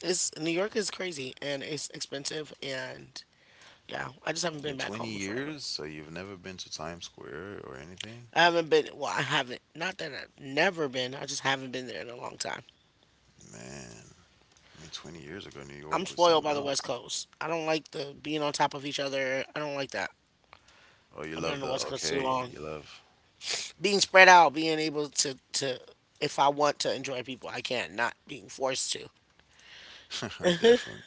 S1: It's New York is crazy and it's expensive and yeah, I just haven't been
S2: In
S1: back home
S2: twenty
S1: in forever.
S2: years? So, you've never been to Times Square or anything?
S1: I haven't been. Well, I haven't. Not that I've never been. I just haven't been there in a long time.
S2: Man, I mean, twenty years ago, New
S1: I'm
S2: York was
S1: spoiled
S2: something
S1: by the West
S2: else.
S1: Coast. I don't like the being on top of each other. I don't like that.
S2: Oh, you
S1: I've been on
S2: love
S1: the
S2: the,
S1: West Coast too
S2: okay,
S1: long.
S2: you love,
S1: Being spread out, being able to to if I want to enjoy people, I can. Not being forced to.
S2: definitely.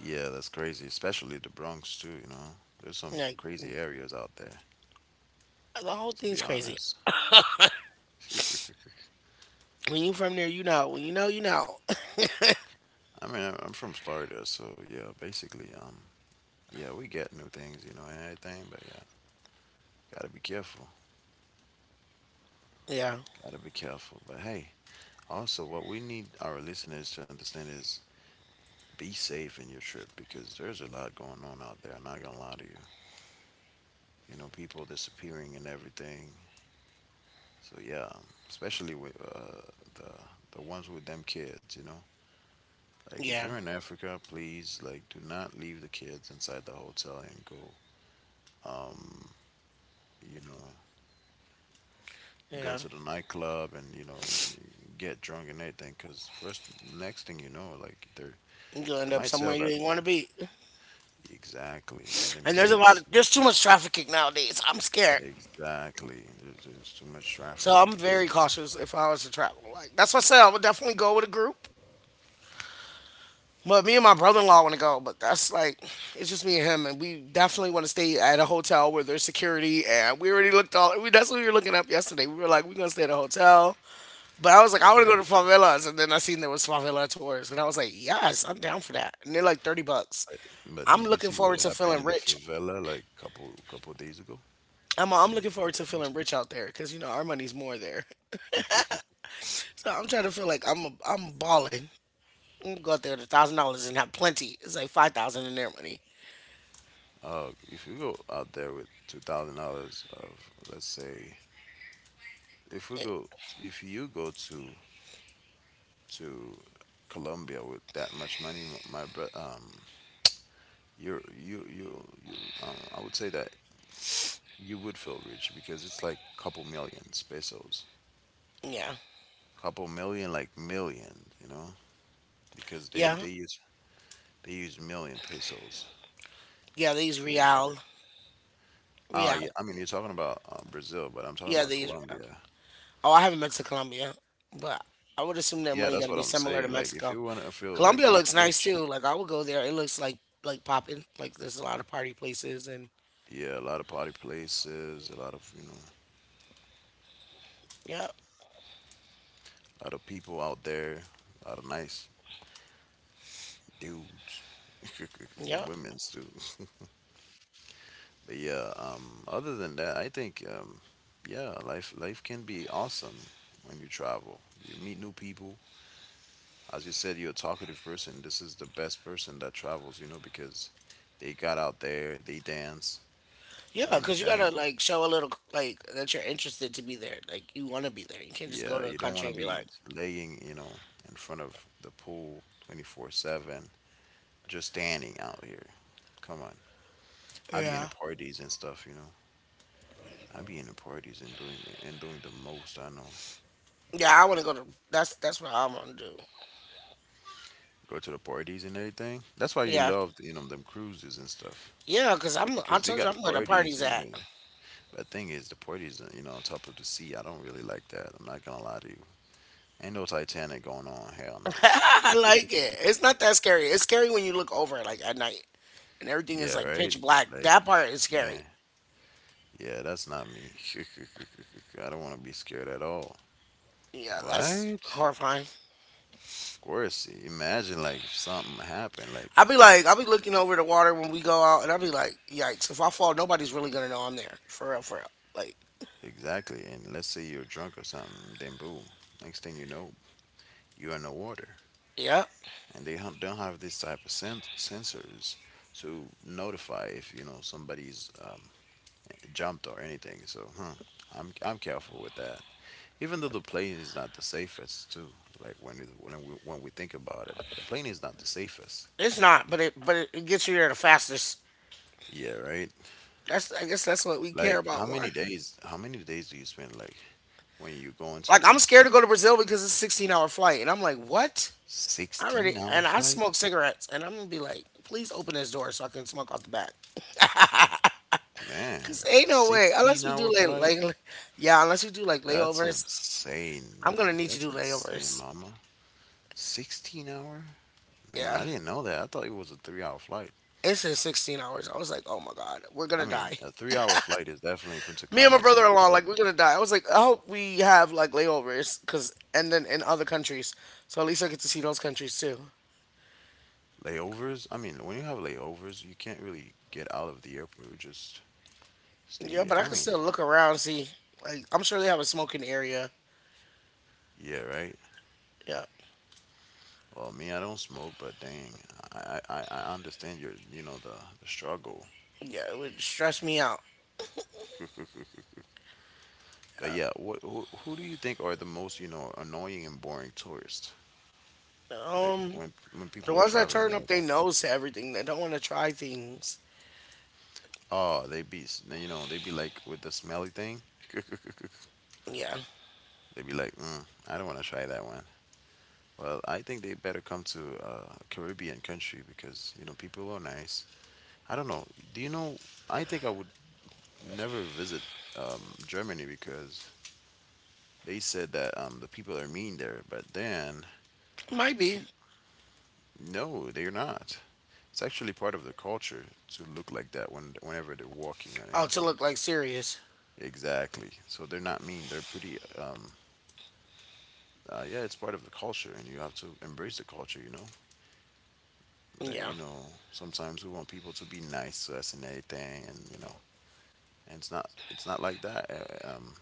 S2: Yeah, that's crazy, especially the Bronx too, you know. There's some
S1: Like
S2: crazy areas out there,
S1: the whole
S2: to be
S1: thing's crazy.
S2: honest.
S1: When you from there, you know. When you know, you know.
S2: I mean, I- I'm from Florida, so yeah, basically, um, yeah, we get new things, you know, and everything, but yeah, gotta be careful.
S1: Yeah,
S2: Gotta be careful. But hey, also, what we need our listeners to understand is be safe in your trip because there's a lot going on out there. I'm not gonna lie to you. You know, people disappearing and everything. So yeah, um, especially with uh, the the ones with them kids, you know. Like if
S1: yeah,
S2: you're in Africa, please like do not leave the kids inside the hotel and go um you know go
S1: yeah.
S2: to the nightclub and you know get drunk and everything because first next thing you know like they're
S1: You gonna end
S2: they
S1: up
S2: might
S1: somewhere
S2: sell
S1: you
S2: the,
S1: ain't want to be.
S2: exactly, and them
S1: And there's a lot
S2: kids,
S1: of there's too much trafficking nowadays. I'm scared,
S2: exactly, there's, there's too much
S1: so I'm
S2: trafficking.
S1: very cautious if I was to travel. Like that's what I said. I would definitely go with a group. But me and my brother-in-law want to go. But that's like it's just me and him, and we definitely want to stay at a hotel where there's security. And we already looked all. We, that's what we were looking up yesterday. We were like, we're gonna stay at a hotel. But I was like, I want to
S2: Okay,
S1: go to favelas, and then I seen there was favela tours, and I was like, yes, I'm down for that. And they're like thirty bucks.
S2: but
S1: I'm
S2: did you
S1: looking
S2: see what
S1: forward to
S2: happened
S1: feeling
S2: in the
S1: rich.
S2: favela like couple couple days ago?
S1: I'm
S2: I
S1: I'm
S2: mean,
S1: looking forward
S2: couple
S1: to
S2: of months
S1: feeling rich out there because you know our money's more there.
S2: ago.
S1: So I'm trying to feel like I'm I'm balling. I'm gonna go out there with a thousand dollars and have plenty. It's like five thousand in their money.
S2: uh, if you go out there with two thousand dollars of, let's say, if we
S1: Eh,
S2: go if you go to to Colombia with that much money, m- my bro, um you're you you you um I would say that you would feel rich because it's like couple millions pesos,
S1: yeah,
S2: couple million, like million, you know because they
S1: yeah,
S2: they use they use million pesos,
S1: yeah. They use
S2: yeah.
S1: real,
S2: Ah, yeah.
S1: real.
S2: I mean, you're talking about uh, Brazil, but I'm talking
S1: Yeah,
S2: about
S1: they use. Real.
S2: Colombia.
S1: Oh, I haven't been to Colombia, but I would assume their
S2: Yeah,
S1: money got
S2: that's
S1: to
S2: what
S1: be
S2: I'm
S1: similar to
S2: saying. Like, if
S1: Mexico.
S2: you want to feel like
S1: Colombia
S2: rich,
S1: looks nice
S2: rich,
S1: too. Like I would go there. It looks like like popping. Like there's a lot of party places and
S2: yeah, a lot of party places, a lot of, you know,
S1: yeah,
S2: a lot of people out there, a lot of nice dudes,
S1: yeah.
S2: women's too. But yeah, um, other than that, I think um, yeah, life life can be awesome when you travel. You meet new people. As you said, you're a talkative person. This is the best person that travels, you know, because they got out there, they dance.
S1: Yeah,
S2: I mean,
S1: because you
S2: yeah,
S1: gotta like show a little like that you're interested to be there. Like you want to be there. You can't just go
S2: yeah.
S1: to a
S2: You don't want
S1: country
S2: to
S1: and be
S2: be
S1: like,
S2: laying, you know, in front of the pool twenty-four seven, just standing out here. Come on, I be in the
S1: yeah.
S2: parties and stuff, you know. I be in the parties and doing and doing the most I know.
S1: Yeah, I want to go to. That's that's what I want to do.
S2: Go to the parties and everything. That's why you
S1: Yeah,
S2: love you know them cruises and stuff
S1: yeah, because I'm. I
S2: because they
S1: told you
S2: got
S1: I'm where the
S2: parties
S1: party's
S2: and
S1: at.
S2: everything. But thing is, the parties you know on top of the sea. I don't really like that. I'm not gonna lie to you. Ain't no Titanic going on. Hell
S1: I
S2: no.
S1: like it. It's not that scary. It's scary when you look over like at night and everything is
S2: Yeah,
S1: like
S2: right.
S1: pitch black.
S2: Like,
S1: That part is scary.
S2: yeah, yeah. That's not me. I don't want to be scared at all.
S1: Yeah, that's
S2: What?
S1: horrifying.
S2: Of course. Imagine like if something happened, like.
S1: I'll be like, I'll be looking over the water when we go out, and I'll be like, yikes! If I fall, nobody's really gonna know I'm there. For real, for real. Like,
S2: Exactly. And let's say you're drunk or something, then boom. Next thing you know, you're in the water.
S1: yeah.
S2: And they hun- don't have this type of sen- sensors to notify if, you know, somebody's um, jumped or anything. So, huh, I'm, I'm careful with that. Even though the plane is not the safest, too. Like when we, when we when we think about it, the plane is not the safest.
S1: It's not, but it but it, it gets you there the fastest.
S2: Yeah, right.
S1: That's I guess that's what we care
S2: Like how
S1: about more.
S2: many days? How many days do you spend like when you go into
S1: Like I'm
S2: this
S1: scared to go to Brazil because it's a sixteen hour flight, and I'm like, what? I already and
S2: sixteen-hour
S1: I smoke
S2: flight?
S1: cigarettes, and I'm gonna be like, please open this door so I can smoke out the back.
S2: Man,
S1: Cause ain't no way unless we
S2: sixteen-hour
S1: do like
S2: flight?
S1: like yeah, unless we do like
S2: That's
S1: layovers.
S2: insane,
S1: I'm gonna
S2: man.
S1: need to
S2: That's
S1: do
S2: insane,
S1: layovers.
S2: mama. sixteen-hour? Man,
S1: Yeah,
S2: I didn't know that. I thought it was a three-hour flight.
S1: it's in sixteen hours. I was like, oh my god, we're
S2: I
S1: gonna
S2: mean,
S1: die.
S2: a three-hour flight is definitely Punta
S1: Me and my
S2: Cana to
S1: brother-in-law,
S2: Florida.
S1: like, we're gonna die. I was like, I hope we have like layovers, cause and then in other countries, so at least I get to see those countries too.
S2: Layovers? I mean, when you have layovers, you can't really get out of the airport. You just stay
S1: Yeah,
S2: there.
S1: but I
S2: I
S1: can
S2: mean,
S1: still look around, see. Like, I'm sure they have a smoking area.
S2: yeah, right?
S1: Yeah,
S2: Well, me, I don't smoke, but dang, I I, I I understand your, you know, the, the struggle.
S1: yeah, it would stress me out.
S2: But yeah, what who, who do you think are the most, you know, annoying and boring tourists? Like
S1: Um,
S2: when when
S1: the
S2: people are
S1: ones that
S2: traveling
S1: turn
S2: and
S1: up their
S2: everything.
S1: nose to everything, they don't want to try things.
S2: Oh, they be s- you know they be like with the smelly thing.
S1: Yeah,
S2: They be like, mm, I don't want to try that one. Well, I think they better come to uh, a Caribbean country because you know people are nice. I don't know. Do you know? I think I would never visit um, Germany because they said that um, the people are mean there. But then,
S1: might be.
S2: pe- no, they're not. It's actually part of the culture to look like that when whenever they're walking or
S1: Oh, to
S2: anything.
S1: look like serious.
S2: Exactly. So they're not mean. They're pretty. Um. Uh, yeah, it's part of the culture, and you have to embrace the culture. You know. But
S1: Yeah,
S2: you know, sometimes we want people to be nice to us and everything, and you know, and it's not. It's not like that. uh, Um.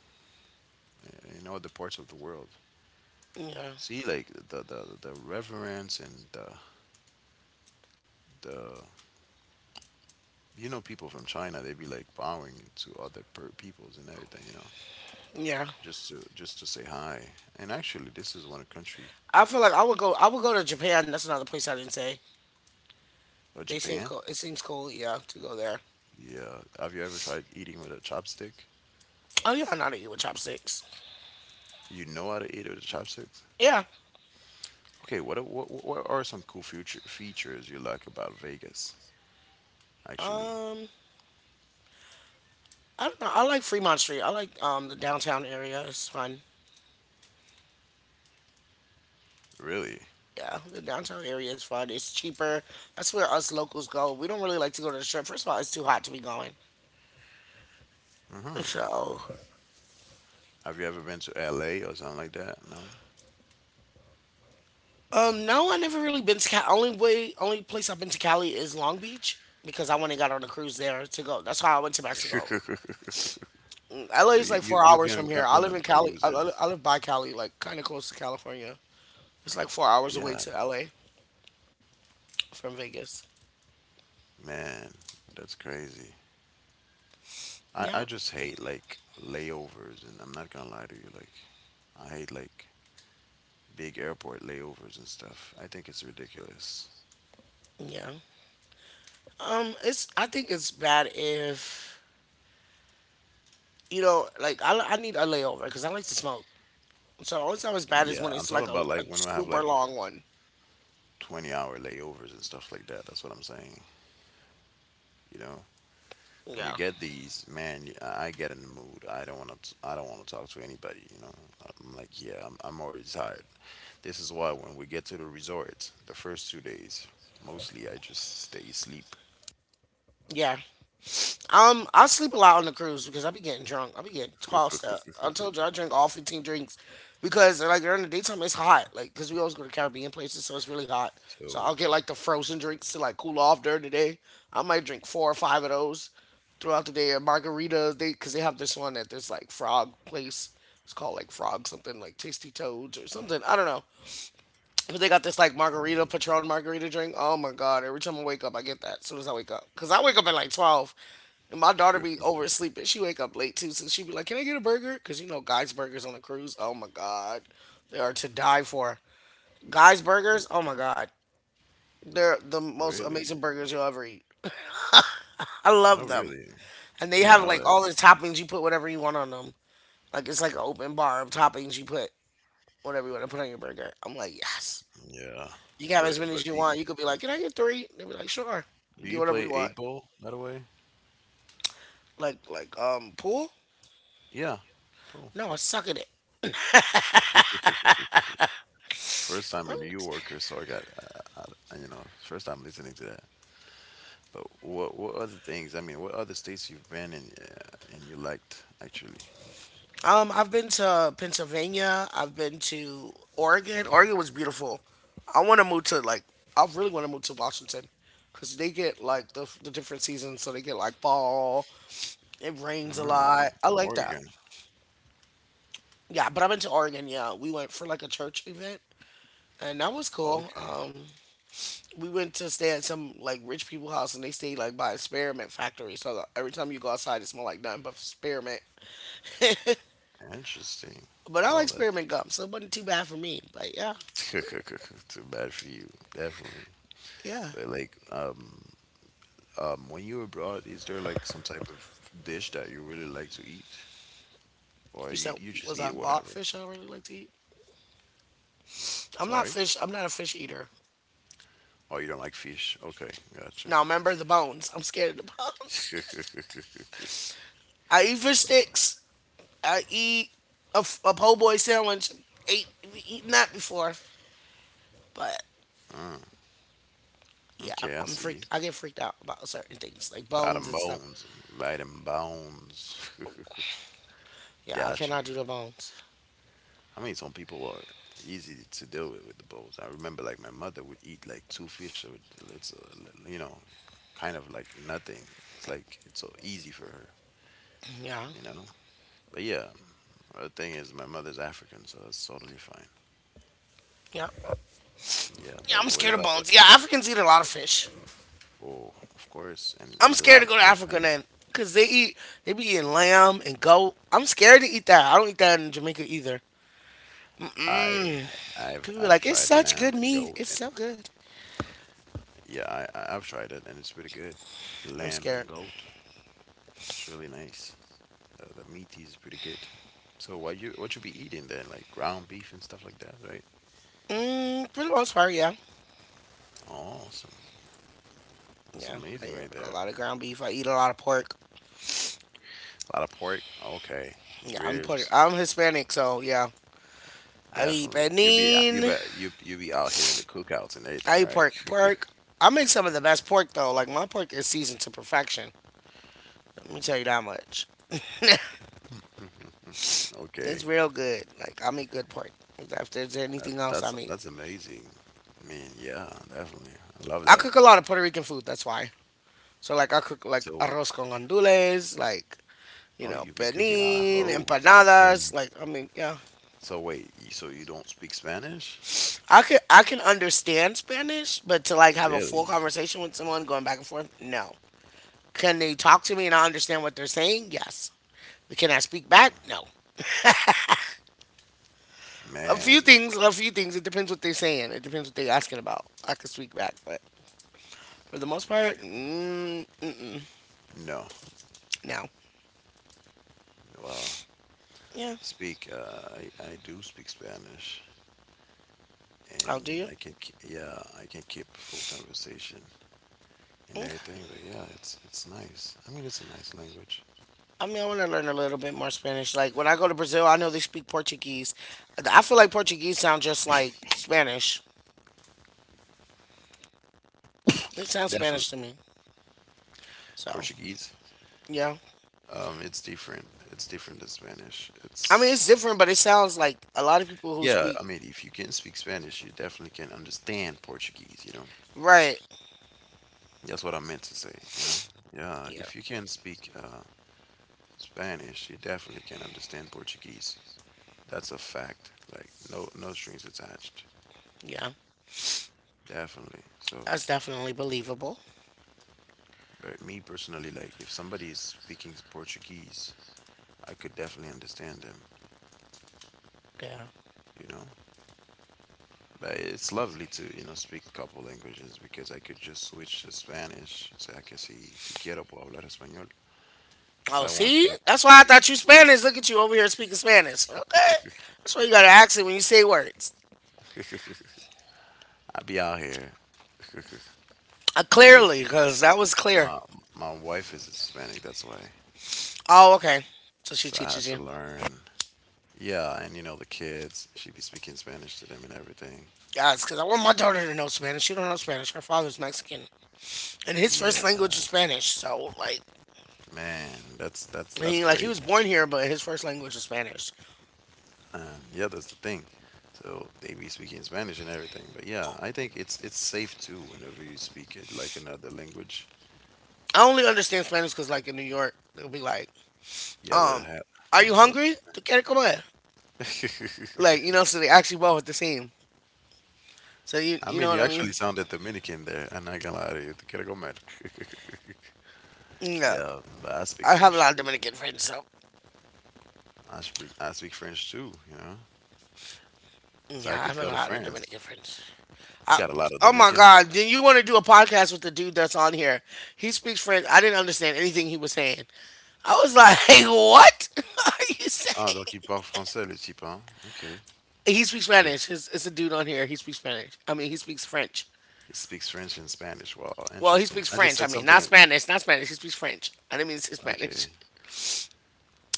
S2: In other parts of the world.
S1: yeah,
S2: See, like the the the reverence and the the you know people from China, they be like bowing to other per- peoples and everything. You know.
S1: yeah.
S2: Just to just to say hi. And actually, this is one country,
S1: I feel like I would go. I would go to Japan. That's another place I didn't say.
S2: or
S1: They seem
S2: Japan.
S1: cool. It seems cool. Yeah, to go there.
S2: Yeah. Have you ever tried eating with a chopstick?
S1: Oh yeah, I know how to eat with chopsticks.
S2: You know how to eat with chopsticks.
S1: Yeah.
S2: Okay. What what what are some cool future features you like about Vegas? Actually,
S1: Um, I don't know. I like Fremont Street. I like um the downtown area. It's fun.
S2: really.
S1: Yeah, the downtown area is fun. It's cheaper. That's where us locals go. We don't really like to go to the strip. First of all, it's too hot to be going.
S2: Uh-huh.
S1: So,
S2: Have you ever been to L A or something like that? No.
S1: um, no, I never really been to Cali. Only way, only place I've been to Cali is Long Beach because I went and got on a cruise there to go. That's how I went to Mexico. Mm, L A
S2: So
S1: is like
S2: you you
S1: four
S2: you
S1: hours
S2: be
S1: from
S2: on,
S1: here. I
S2: on
S1: live in
S2: them
S1: Cali. I, I
S2: cruises.
S1: I live by Cali, like kind of close to California. It's like four hours away
S2: Yeah,
S1: to L A from Vegas.
S2: man, that's crazy. I I
S1: Yeah,
S2: just hate like layovers, and I'm not gonna lie to you. Like, I hate like big airport layovers and stuff. I think it's ridiculous.
S1: yeah. Um, it's I think it's bad if you know, like I, I need a layover because I like to smoke. So the only time it's bad is
S2: Yeah,
S1: when
S2: I'm
S1: it's
S2: talking
S1: like a,
S2: about
S1: a
S2: like when we have
S1: super
S2: like
S1: long one.
S2: twenty hour layovers and stuff like that. That's what I'm saying. You know, when you
S1: Yeah,
S2: get these, man, y- I I get in the mood. I don't want to. I don't want to talk to anybody. You know, I'm like, yeah, I'm, I'm already tired. This is why when we get to the resort, the first two days, mostly I just stay asleep.
S1: yeah. Um, I sleep a lot on the cruise because I be getting drunk. I be getting tossed up. I told you I drink all fifteen drinks because like during the daytime it's hot. Like because we always go to Caribbean places, so it's really hot. So I'll
S2: So,
S1: get like the frozen drinks to like cool off during the day. I might drink four or five of those throughout the day. Or margaritas, they because they have this one at this like frog place. It's called like frog something like tasty toads or something. I don't know. But they got this like margarita,
S2: man.
S1: Patron margarita drink. Oh my god! Every time I wake up, I get that. As soon as I wake up, cause I wake up at like twelve, and my daughter be oversleeping. She wake up late too, so she be like, "Can I get a burger?" Cause you know, guys' burgers on the cruise. Oh my god, they are to die for. Guys' burgers. Oh my god, they're the
S2: Oh
S1: most
S2: really?
S1: amazing burgers you'll ever eat. I love
S2: Not
S1: them,
S2: really.
S1: and they
S2: Yeah,
S1: have
S2: know
S1: like
S2: that.
S1: all the toppings. You put whatever you want on them. Like it's like an open bar of toppings. You put whatever you want to put on your burger. I'm like, yes.
S2: Yeah.
S1: You can have
S2: The
S1: as many as
S2: but
S1: you
S2: the
S1: want. You could be like, can I get three? They'd be like, sure.
S2: Do
S1: Get
S2: you
S1: whatever
S2: play
S1: you want.
S2: eight ball, by the way?
S1: Like like um pool?
S2: Yeah, cool.
S1: No, I suck at it.
S2: First time a New Yorker, so I got, uh, I, you know, first time listening to that. But what what other things? I mean, what other states you've been in uh, and you liked actually?
S1: Um, I've been to Pennsylvania. I've been to Oregon. Oregon was beautiful. I want to move to like I really want to move to Washington because they get like the the different seasons. So they get like fall. It rains a
S2: Mm,
S1: lot. I like that.
S2: Oregon.
S1: Yeah, but I've been to Oregon. Yeah, we went for like a church event, and that was cool.
S2: Okay,
S1: Um, we went to stay at some like rich people house and they stayed like by a spearmint factory. So the- every time you go outside, it smell like nothing but spearmint.
S2: interesting.
S1: But I
S2: Oh,
S1: like
S2: that's
S1: spearmint gum, so it wasn't too bad for me. But yeah,
S2: too bad for you, definitely.
S1: yeah.
S2: But like, um, um, when you were abroad, is there like some type of dish that you really like to eat, or
S1: You
S2: you
S1: said
S2: you just
S1: was I
S2: eat
S1: bought
S2: whatever?
S1: fish? I really like to eat. I'm not
S2: Sorry.
S1: fish. I'm not a fish eater.
S2: Oh, you don't like fish? Okay, gotcha.
S1: Now remember the bones. I'm scared of the bones. I eat fish sticks. I eat a, f- a po' boy sandwich. Ate eaten that before, but
S2: Ah,
S1: yeah,
S2: okay, I
S1: I'm
S2: see you.
S1: freaked. I get freaked out about certain things like
S2: Buy
S1: bones
S2: them
S1: and stuff.
S2: bones. Buy them bones.
S1: Yeah, I
S2: Gotcha.
S1: cannot do the bones.
S2: I mean, some people are easy to deal with with the bones. I remember, like, my mother would eat, like, two fish. So it- it's, uh, you know, kind of like nothing. It's like, it's so easy for her,
S1: Yeah.
S2: you know? But yeah, the thing is, my mother's African, so that's totally fine.
S1: Yeah.
S2: Yeah,
S1: Yeah,
S2: but
S1: I'm
S2: what
S1: scared of
S2: about, what?
S1: bones. Yeah, Africans eat a lot of fish.
S2: Oh, of course, and
S1: I'm
S2: eat a
S1: scared
S2: lot
S1: to
S2: of
S1: go to Africa
S2: plantains.
S1: then. Cause they eat they be eating lamb and goat. I'm scared to eat that. I don't eat that in Jamaica either.
S2: I I've
S1: People be
S2: I've
S1: like, it's
S2: tried
S1: such
S2: lamb
S1: good
S2: and
S1: meat.
S2: goat
S1: It's
S2: and
S1: so good.
S2: yeah I I- I've tried it and it's pretty good.
S1: I'm
S2: Lamb
S1: scared.
S2: and goat, it's really nice. The, the meat is pretty good. So what you what you be eating then? Like ground beef and stuff like that, right?
S1: Mm, for the most part, yeah.
S2: Awesome, that's
S1: Yeah. I
S2: amazing
S1: eat
S2: right
S1: like a
S2: there.
S1: lot of ground beef. I eat a lot of pork.
S2: A lot of pork, okay.
S1: Yeah, I'm Puerto
S2: Ribs,
S1: I'm Hispanic, so yeah. I eat
S2: definitely. You be uh, you
S1: benin.
S2: be you you be out here in the cookouts and
S1: I
S2: everything,
S1: eat
S2: right?
S1: pork pork. I make some of the best pork though. Like my pork is seasoned to perfection. Let me tell you that much.
S2: Okay,
S1: It's real good. Like I make good pork. If there's
S2: that,
S1: anything else I
S2: that's
S1: make,
S2: that's amazing. Man, yeah, definitely. I love
S1: I
S2: that.
S1: cook a lot of Puerto Rican food. That's why. So like I cook like
S2: So
S1: arroz con gandules, like you
S2: oh,
S1: know
S2: you be cooking on
S1: penin,
S2: arroz.
S1: empanadas.
S2: Okay.
S1: Like I mean, yeah,
S2: So wait, y- so you don't speak Spanish?
S1: I can I can understand Spanish, but to like have a full
S2: Really?
S1: conversation with someone going back and forth, no. Can they talk to me and I understand what they're saying? Yes. Can I speak back? No. A few
S2: Man,
S1: things, a few things. It depends what they're saying. It depends what they're asking about. I can speak back, but for the most part, mm, mm,
S2: no.
S1: no.
S2: Well,
S1: Yeah.
S2: speak. Uh, I I do speak Spanish,
S1: Oh, do
S2: and
S1: you?
S2: I can ke- yeah I can keep a full conversation and
S1: Okay.
S2: everything. But yeah, it's it's nice. I mean, it's a nice language.
S1: I mean, I want to learn a little bit more Spanish. Like when I go to Brazil, I know they speak Portuguese. I feel like Portuguese sounds just like Spanish. It sounds Spanish
S2: Definitely
S1: to me. So
S2: Portuguese.
S1: yeah,
S2: Um, it's different. It's different than Spanish.
S1: I mean it's
S2: It's
S1: different, but it sounds like a lot of people who
S2: yeah.
S1: speak.
S2: I mean, if you can speak Spanish, you definitely can understand Portuguese. You know.
S1: Right.
S2: That's what I meant to say, you know? Yeah,
S1: Yeah,
S2: if you can speak uh, Spanish, you definitely can understand Portuguese. That's a fact. Like no no strings attached.
S1: yeah,
S2: Definitely. So,
S1: that's definitely believable.
S2: but me personally, like if somebody is speaking Portuguese, I could definitely understand them,
S1: Yeah.
S2: you know? But it's lovely to, you know, speak couple languages because I could just switch to Spanish. O sea que si, si quiero puedo hablar español. If
S1: Oh,
S2: I want
S1: see,
S2: to, I
S1: that's why I thought you Spanish. Look at you over here speaking Spanish. Okay,
S2: can.
S1: that's why you got an accent when you say words.
S2: I'll be out here.
S1: Uh,
S2: Thing is.
S1: clearly, because that was clear.
S2: My my wife is Hispanic, that's why.
S1: Oh, okay. So she
S2: So I had
S1: teaches
S2: to
S1: you.
S2: learn. Yeah, and you know the kids, she be speaking Spanish to them and everything.
S1: Yes, because I want my daughter to know Spanish. She don't know Spanish. Her father's Mexican, and his first
S2: Yeah,
S1: language is Spanish. So like
S2: man, that's that's that's
S1: he like he
S2: crazy.
S1: was born here, but his first language is Spanish.
S2: And yeah, that's the thing. So they be speaking Spanish and everything. But yeah, I think it's it's safe too whenever you speak it like another language.
S1: I only understand Spanish because like in New York, they'll be like,
S2: Yeah, the
S1: um, "Are
S2: ha- I
S1: you
S2: mean the
S1: hungry? ¿Tú quieres comer?" Like you know, so they actually well with the team. So you
S2: I
S1: you know
S2: mean,
S1: what
S2: you
S1: I mean?
S2: actually sounded Dominican there. I'm not gonna lie to you. Te quiero comer.
S1: Yeah,
S2: Yeah, but I speak
S1: I have a
S2: French
S1: lot of
S2: too.
S1: Dominican friends. So
S2: I speak I speak French too, you know, so I
S1: yeah, I
S2: could
S1: have a
S2: go to
S1: lot of
S2: France.
S1: Dominican friends.
S2: You
S1: I,
S2: got a lot of
S1: oh my
S2: Dominican
S1: God!
S2: friends?
S1: Then you want to do a podcast with the dude that's on here? He speaks French. I didn't understand anything he was saying. I was like, "Hey, what are you
S2: Ah, donc il
S1: saying?"
S2: parle français, le type, hein? Okay.
S1: He speaks
S2: Intéress-
S1: Spanish. It's, it's a dude on here. He speaks Spanish. I mean, he speaks French.
S2: He speaks French and Spanish. Wow,
S1: Well, he
S2: interesting.
S1: speaks
S2: I just
S1: French.
S2: said
S1: I mean,
S2: something.
S1: not
S2: in-
S1: Spanish. Not Spanish. He speaks French. I didn't mean to say
S2: Okay.
S1: Spanish.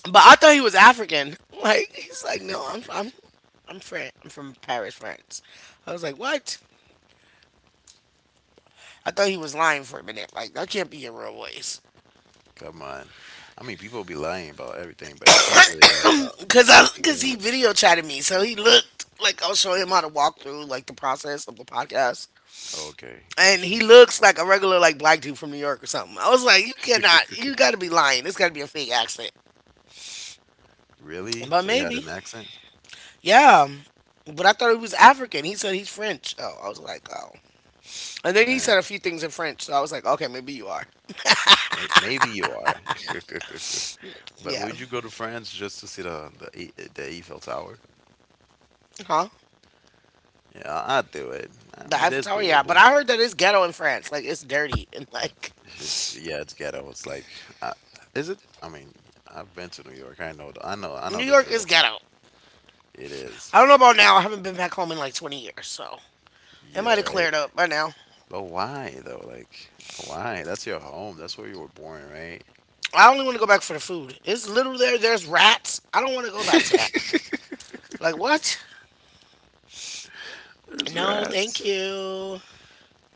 S1: But I thought he was African. Like he's like, no, I'm I'm I'm Fran. I'm from Paris, France. I was like, what? I thought he was lying for a minute. Like that can't be your real voice.
S2: Come on. I mean, people be lying about everything, but you can't really lie about
S1: cause I
S2: speaking a
S1: cause he
S2: language.
S1: video chatted me, so he looked like I was showing him how to walk through like the process of the podcast,
S2: Okay,
S1: and
S2: gotcha.
S1: he looks like a regular like black dude from New York or something. I was like, you cannot, you got to be lying. It's got to be a fake accent,
S2: Really?
S1: but
S2: So you had
S1: maybe,
S2: an accent?
S1: yeah. But I thought he was African. He said he's French. Oh, I was like, oh. And then he said
S2: Man,
S1: a few things in French, so I was like, okay, maybe you are.
S2: may maybe you are. But
S1: Yeah,
S2: would you go to France just to see the the, E- the Eiffel Tower?
S1: huh?
S2: Yeah, I'll do it. I
S1: The
S2: mean,
S1: Eiffel
S2: that's
S1: Tower, yeah. But
S2: doable.
S1: I heard that it's ghetto in France. Like it's dirty, and like,
S2: It's yeah, it's ghetto. It's like, I, is it? I mean, I've been to New York. I know. The, I know. I know
S1: New
S2: the
S1: York is
S2: drill.
S1: ghetto.
S2: It is.
S1: I don't know about now. I haven't been back home in like twenty years, so it might
S2: Yeah,
S1: have
S2: right.
S1: cleared up by now.
S2: But why though? Like, why? That's your home. That's where you were born, right?
S1: I only want to go back for the food. It's literally there. There's rats. I don't want to go back to that. Like what?
S2: There's
S1: No, thank
S2: rats.
S1: you.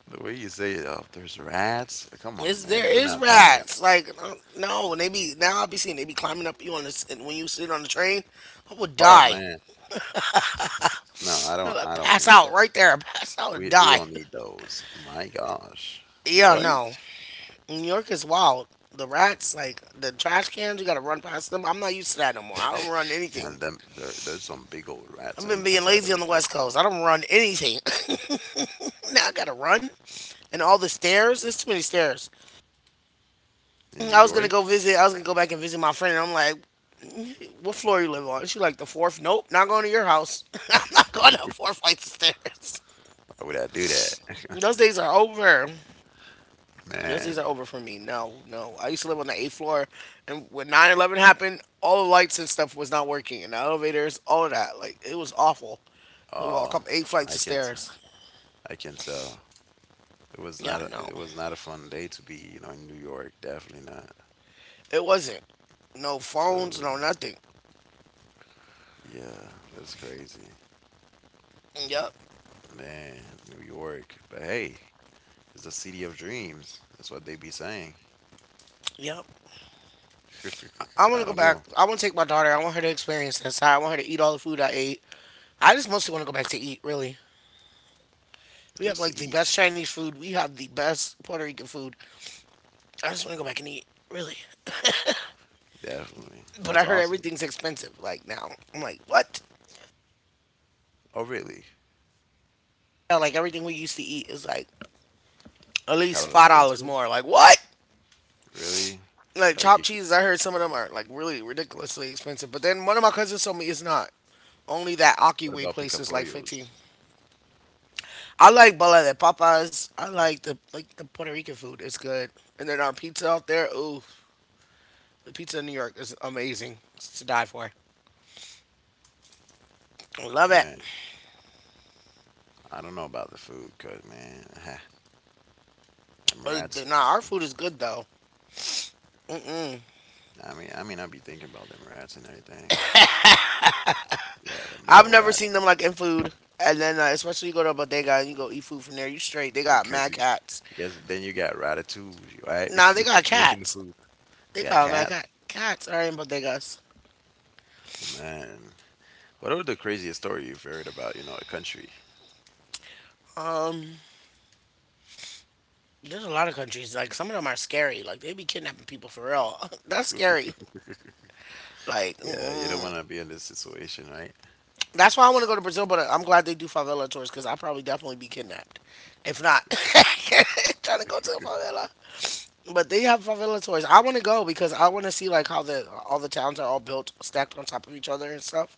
S2: The way you say it, oh, there's rats. Come on,
S1: It's, there
S2: man. We're
S1: is
S2: not doing that.
S1: rats. Like uh, no, and they be now I'll be seeing they be climbing up you on this and when you sit on the train. I would
S2: Oh
S1: die.
S2: man, no, I don't.
S1: Like,
S2: I don't
S1: pass
S2: need
S1: out
S2: that.
S1: right there. Pass out and
S2: We we
S1: die.
S2: don't need those. My gosh,
S1: Yeah,
S2: what?
S1: no. New York is wild. The rats, like the trash cans, you gotta run past them. I'm not used to that no more. I don't run
S2: Yeah,
S1: anything.
S2: And them, there, there's some big old rats
S1: I've
S2: in,
S1: been being
S2: inside of
S1: lazy on
S2: it.
S1: the
S2: Too.
S1: West Coast. I don't run anything. Now I gotta run, and all the stairs. There's too many stairs.
S2: In New
S1: I was gonna
S2: York,
S1: go visit. I was gonna go back and visit my friend, and I'm like, "What floor you live on?" She like the fourth. Nope, not going to your house. I'm not going up four flights of stairs.
S2: why would I do that,
S1: Those days are over. Those days
S2: man?
S1: are over for me. No, no. I used to live on the eighth floor, and when nine eleven happened, all the lights and stuff was not working, and the elevators, all of that. Like it was awful. We
S2: Uh,
S1: walk up eight
S2: I
S1: flights of
S2: can not
S1: stairs.
S2: I can tell. It was
S1: Yeah,
S2: not. A,
S1: no.
S2: it was not a fun day to be, you know, in New York. Definitely not.
S1: It wasn't. No
S2: So,
S1: phones, no nothing.
S2: yeah, that's crazy,
S1: Yep.
S2: man. New York, but hey, it's the city of dreams. That's what they be saying.
S1: Yep. I want
S2: I
S1: to go
S2: don't
S1: back.
S2: know.
S1: I want to take my daughter. I want her to experience this. I want her to eat all the food I ate. I just mostly want to go back to eat, really. We have
S2: Just
S1: like
S2: to
S1: the
S2: eat,
S1: best Chinese food. We have the best Puerto Rican food. I just want to go back and eat, really.
S2: definitely.
S1: But
S2: That's
S1: I heard
S2: awesome.
S1: everything's expensive, like now. I'm like, what?
S2: Oh, really?
S1: Yeah, like everything we used to eat is like at
S2: Hell
S1: least
S2: of
S1: five dollars
S2: expensive.
S1: more. Like, what?
S2: Really?
S1: Like
S2: Like you,
S1: chopped cheeses, I heard some of them are like really ridiculously expensive. But then one of my cousins told me it's not. Only that
S2: What
S1: Akiway
S2: about
S1: place is like fifteen.
S2: picapollos?
S1: I like Bola de Papas. I like the like the Puerto Rican food. It's good. And then our pizza out there. Ooh, the pizza in New York is amazing. It's to die for. I love it.
S2: Man, I don't know about the food, cause man, them
S1: Uh,
S2: rats.
S1: Nah, our food is good though. Mm-mm.
S2: I mean, I mean, I be thinking about them rats and everything. Yeah, them big
S1: I've
S2: old
S1: never seen
S2: rats.
S1: them like in food. And then uh, especially you go to a bodega and you go eat food from there. You straight. They got
S2: Because
S1: mad
S2: you,
S1: cats.
S2: because then you got ratatouille,
S1: Nah,
S2: right?
S1: they got
S2: Making the
S1: cats.
S2: food.
S1: They
S2: They got
S1: got mad
S2: cats.
S1: cat. Cats are in bodegas.
S2: Man, what are the craziest story you've heard about? You know, a country.
S1: Um, there's a lot of countries like some of them are scary. Like they be kidnapping people for real. That's scary. Like,
S2: Yeah, you don't
S1: mm-mm.
S2: want to be in this situation, right?
S1: That's why I want to go to Brazil, but I'm glad they do favela tours because I'll probably definitely be kidnapped. If not, trying to go to a favela. But they have favela tours. I want to go because I want to see like how the all the towns are all built stacked on top of each other and stuff.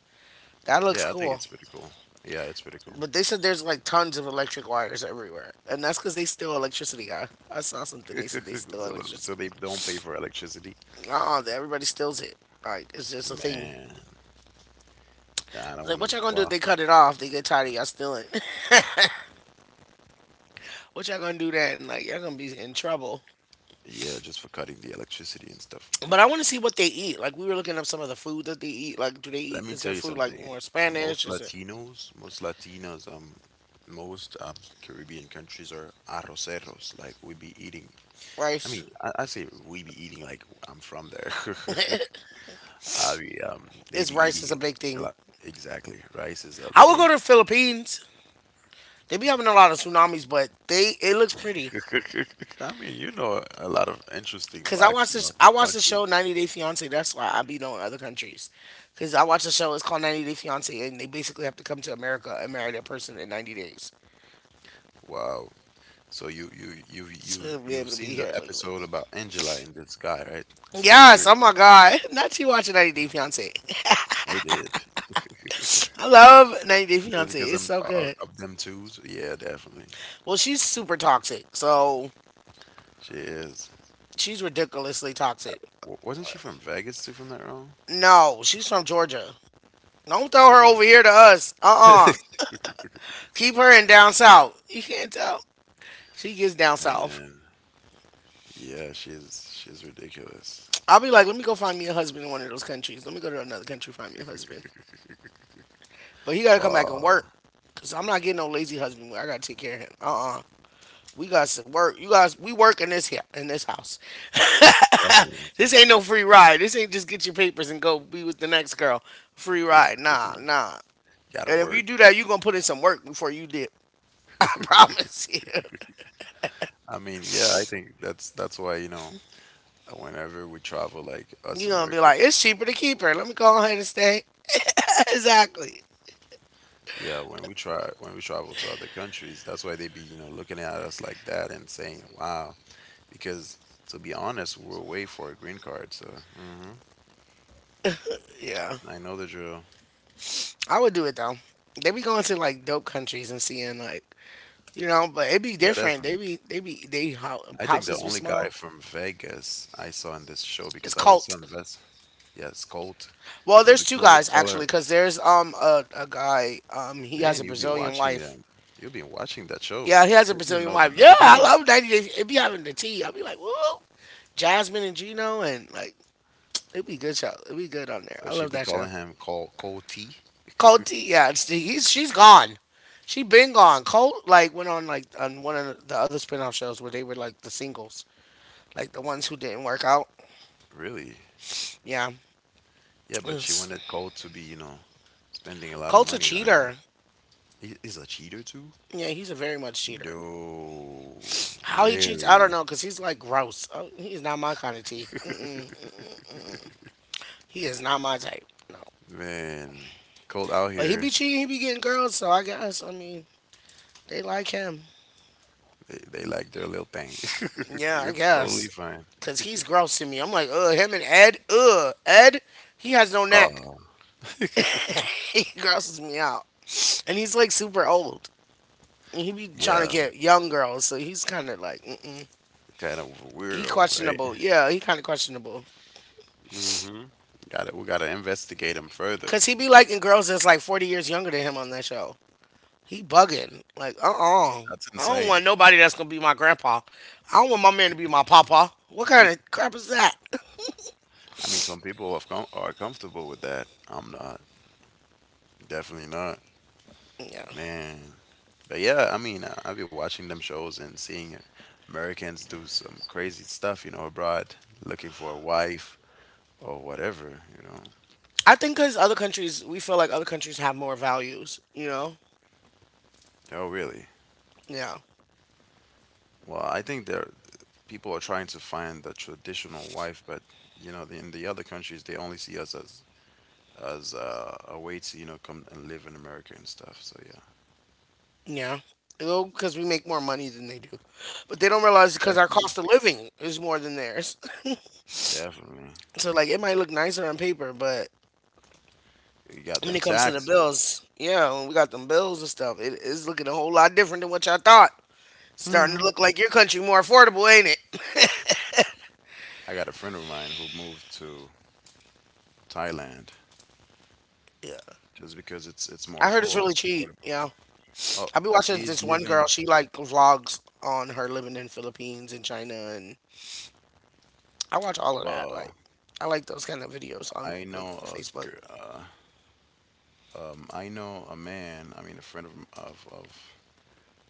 S1: That looks
S2: Yeah, I think
S1: cool.
S2: it's pretty cool. Yeah, it's pretty cool.
S1: But they said there's like tons of electric wires everywhere, and that's because they steal electricity. I I saw something. They said they steal
S2: So, so
S1: electricity.
S2: they don't pay for electricity.
S1: Uh-uh, everybody steals it. Like it's just a thing.
S2: Man, I don't
S1: Like
S2: want to.
S1: what y'all gonna do if
S2: Well,
S1: they cut it off? They get tired of y'all stealing. What y'all gonna do then? Like y'all gonna be in trouble.
S2: yeah, just for cutting the electricity and stuff.
S1: But I want to see what they eat. Like we were looking up some of the food that they eat. Like, do they
S2: Let
S1: eat?
S2: me
S1: Is
S2: tell
S1: their
S2: you
S1: food like
S2: something.
S1: more
S2: Most
S1: Spanish? Is it
S2: Latinos, most Latinos, um, most um, Caribbean countries are arroceros. Like we be eating. I
S1: rice?
S2: mean, I, I say we be eating. Like I'm from there. I be, um, they
S1: Is
S2: be
S1: rice is a
S2: eating
S1: big
S2: a
S1: thing?
S2: lot. Exactly. Rice is a
S1: I would go
S2: big.
S1: to the Philippines. They be having a lot of tsunamis, but they it looks pretty.
S2: I mean, you know a lot of interesting
S1: Cause I
S2: facts
S1: watch this.
S2: about some
S1: I watch the
S2: countries.
S1: show ninety Day Fiance. That's why I be knowing other countries. Cause I watch the show. It's called ninety Day Fiance, and they basically have to come to America and marry that person in ninety days
S2: Wow. So you you you you've
S1: to be
S2: you've
S1: able to be
S2: seen the
S1: here legally.
S2: episode about Angela in the sky, right? It's
S1: Yes. Oh
S2: Nigerian.
S1: my God. Not you watching ninety Day Fiance.
S2: I did.
S1: I love ninety Day
S2: Just
S1: Fiance.
S2: because
S1: It's
S2: I'm
S1: so
S2: uh,
S1: good.
S2: of them twos. Yeah, definitely.
S1: Well, she's super toxic. So
S2: She is.
S1: she's ridiculously toxic.
S2: W- wasn't she from Vegas too, if I'm not wrong?
S1: No, she's from Georgia. Don't throw her
S2: Yeah,
S1: over here to us. Uh uh. Keep her in down south. You can't tell. She gets down south.
S2: man. Yeah, she's she's ridiculous.
S1: I'll be like, let me go find me a husband in one of those countries. Let me go to another country, find me a husband. But he got to come back and
S2: Wow.
S1: work. Cause I'm not getting no lazy husband. I gotta take care of him. Uh uh. We got to work. You guys, we work in this here, in this house.
S2: Definitely.
S1: This ain't no free ride. This ain't just get your papers and go be with the next girl. Free ride. Nah, nah.
S2: Gotta
S1: And if you
S2: work.
S1: do that, you're gonna put in some work before you dip. I promise you.
S2: I mean, yeah, I think that's that's why, you know, whenever we travel like us
S1: You're gonna be like,
S2: Americans,
S1: it's cheaper to keep her. Let me go ahead and stay. Exactly.
S2: yeah, when we try when we travel to other countries, that's why they be, you know, looking at us like that and saying, wow, because to be honest, we're away for a green card, so hmm
S1: Yeah.
S2: I know the drill.
S1: I would do it though. They be going to like dope countries and seeing like, you know, but it be
S2: Yeah,
S1: different. They
S2: definitely.
S1: be they be they
S2: I think the
S1: houses be
S2: only
S1: small.
S2: guy from Vegas I saw in this show
S1: It's
S2: because I was so
S1: cult.
S2: invested. Yes, Colt.
S1: Well,
S2: So
S1: there's
S2: the
S1: two
S2: girl would
S1: guys
S2: tell her,
S1: actually, cause there's um a, a guy um he has
S2: "Man,
S1: a
S2: you'll be
S1: Brazilian
S2: watching
S1: wife.
S2: them. You'll be watching that show.
S1: Yeah, he has a
S2: You don't even
S1: Brazilian
S2: know the
S1: wife. Yeah, I
S2: name."
S1: love ninety Day. It be having the tea. I'll be like, whoa, Jasmine and Gino and like. It'd be a good show. It'd be good on there.
S2: So
S1: I love
S2: she'd be
S1: that show.
S2: calling him Col Colty.
S1: Colt T, yeah, it's, he's she's gone. She been gone. Colt like went on like on one of the other spinoff shows where they were like the singles, like the ones who didn't work out.
S2: Really?
S1: Yeah.
S2: Yeah, but she
S1: It's-
S2: wanted Colt to be, you know, spending a lot of
S1: Colt's a
S2: money on her.
S1: cheater.
S2: He- He's a cheater too?
S1: Yeah, he's a very much cheater.
S2: No,
S1: How he cheats, I don't
S2: really.
S1: know, cause he's like gross. Oh, he is not my kind of tea. Mm-mm. He is not my type. No,
S2: Man, cold out
S1: but he be
S2: here.
S1: cheating. He be getting girls. So I guess I mean they like him.
S2: They, they like their little thing.
S1: Yeah, I
S2: It's
S1: guess.
S2: totally fine.
S1: Cause he's gross to me. I'm like, ugh, him and Ed, ugh, Ed, he has no neck.
S2: Oh,
S1: He grosses me out, and he's like super old, and he be trying to
S2: yeah,
S1: get young girls, so he's kind of like, mm-mm.
S2: kind of a
S1: He
S2: weirdo, right?
S1: questionable. Yeah, he kind of questionable,
S2: Mm-hmm. Got it. We gotta investigate him further.
S1: cause he be liking girls that's like forty years younger than him on that show. He bugging, like, uh-uh.
S2: That's
S1: I don't
S2: insane.
S1: want nobody that's gonna be my grandpa. I don't want my man to be my papa. What kind of crap is that?
S2: I mean, some people have com are comfortable with that. I'm not. Definitely not.
S1: Yeah,
S2: Man. But yeah, I mean, I- I've been watching them shows and seeing Americans do some crazy stuff, you know, abroad, looking for a wife or whatever, you know.
S1: I think cause other countries, we feel like other countries have more values, you know
S2: Oh, really?
S1: Yeah.
S2: Well, I think they're people are trying to find the traditional wife, but you know, in the other countries, they only see us as as uh, a way to, you know, come and live in America and stuff. So yeah,
S1: Yeah. Well, because we make more money than they do, but they don't realize because our
S2: definitely,
S1: cost of living is more than theirs.
S2: definitely.
S1: So like it might look nicer on paper, but
S2: You got them
S1: when it comes to the
S2: taxes.
S1: bills, yeah, when we got them bills and stuff, it is looking a whole lot different than what y'all thought. Starting to
S2: Hmm.
S1: look like your country more affordable, ain't it?
S2: I got a friend of mine who moved to Thailand
S1: Yeah.
S2: just because it's it's more
S1: I heard it's
S2: affordable.
S1: really cheap.
S2: Affordable.
S1: Yeah.
S2: Oh,
S1: I be watching
S2: he's
S1: this one
S2: living.
S1: girl, she like vlogs on her living in Philippines and China, and I watch all of that.
S2: Well,
S1: Like, I like those kind of videos on
S2: I
S1: like
S2: know a
S1: Facebook.
S2: gir- uh, um, I know a man. I mean, a friend of of of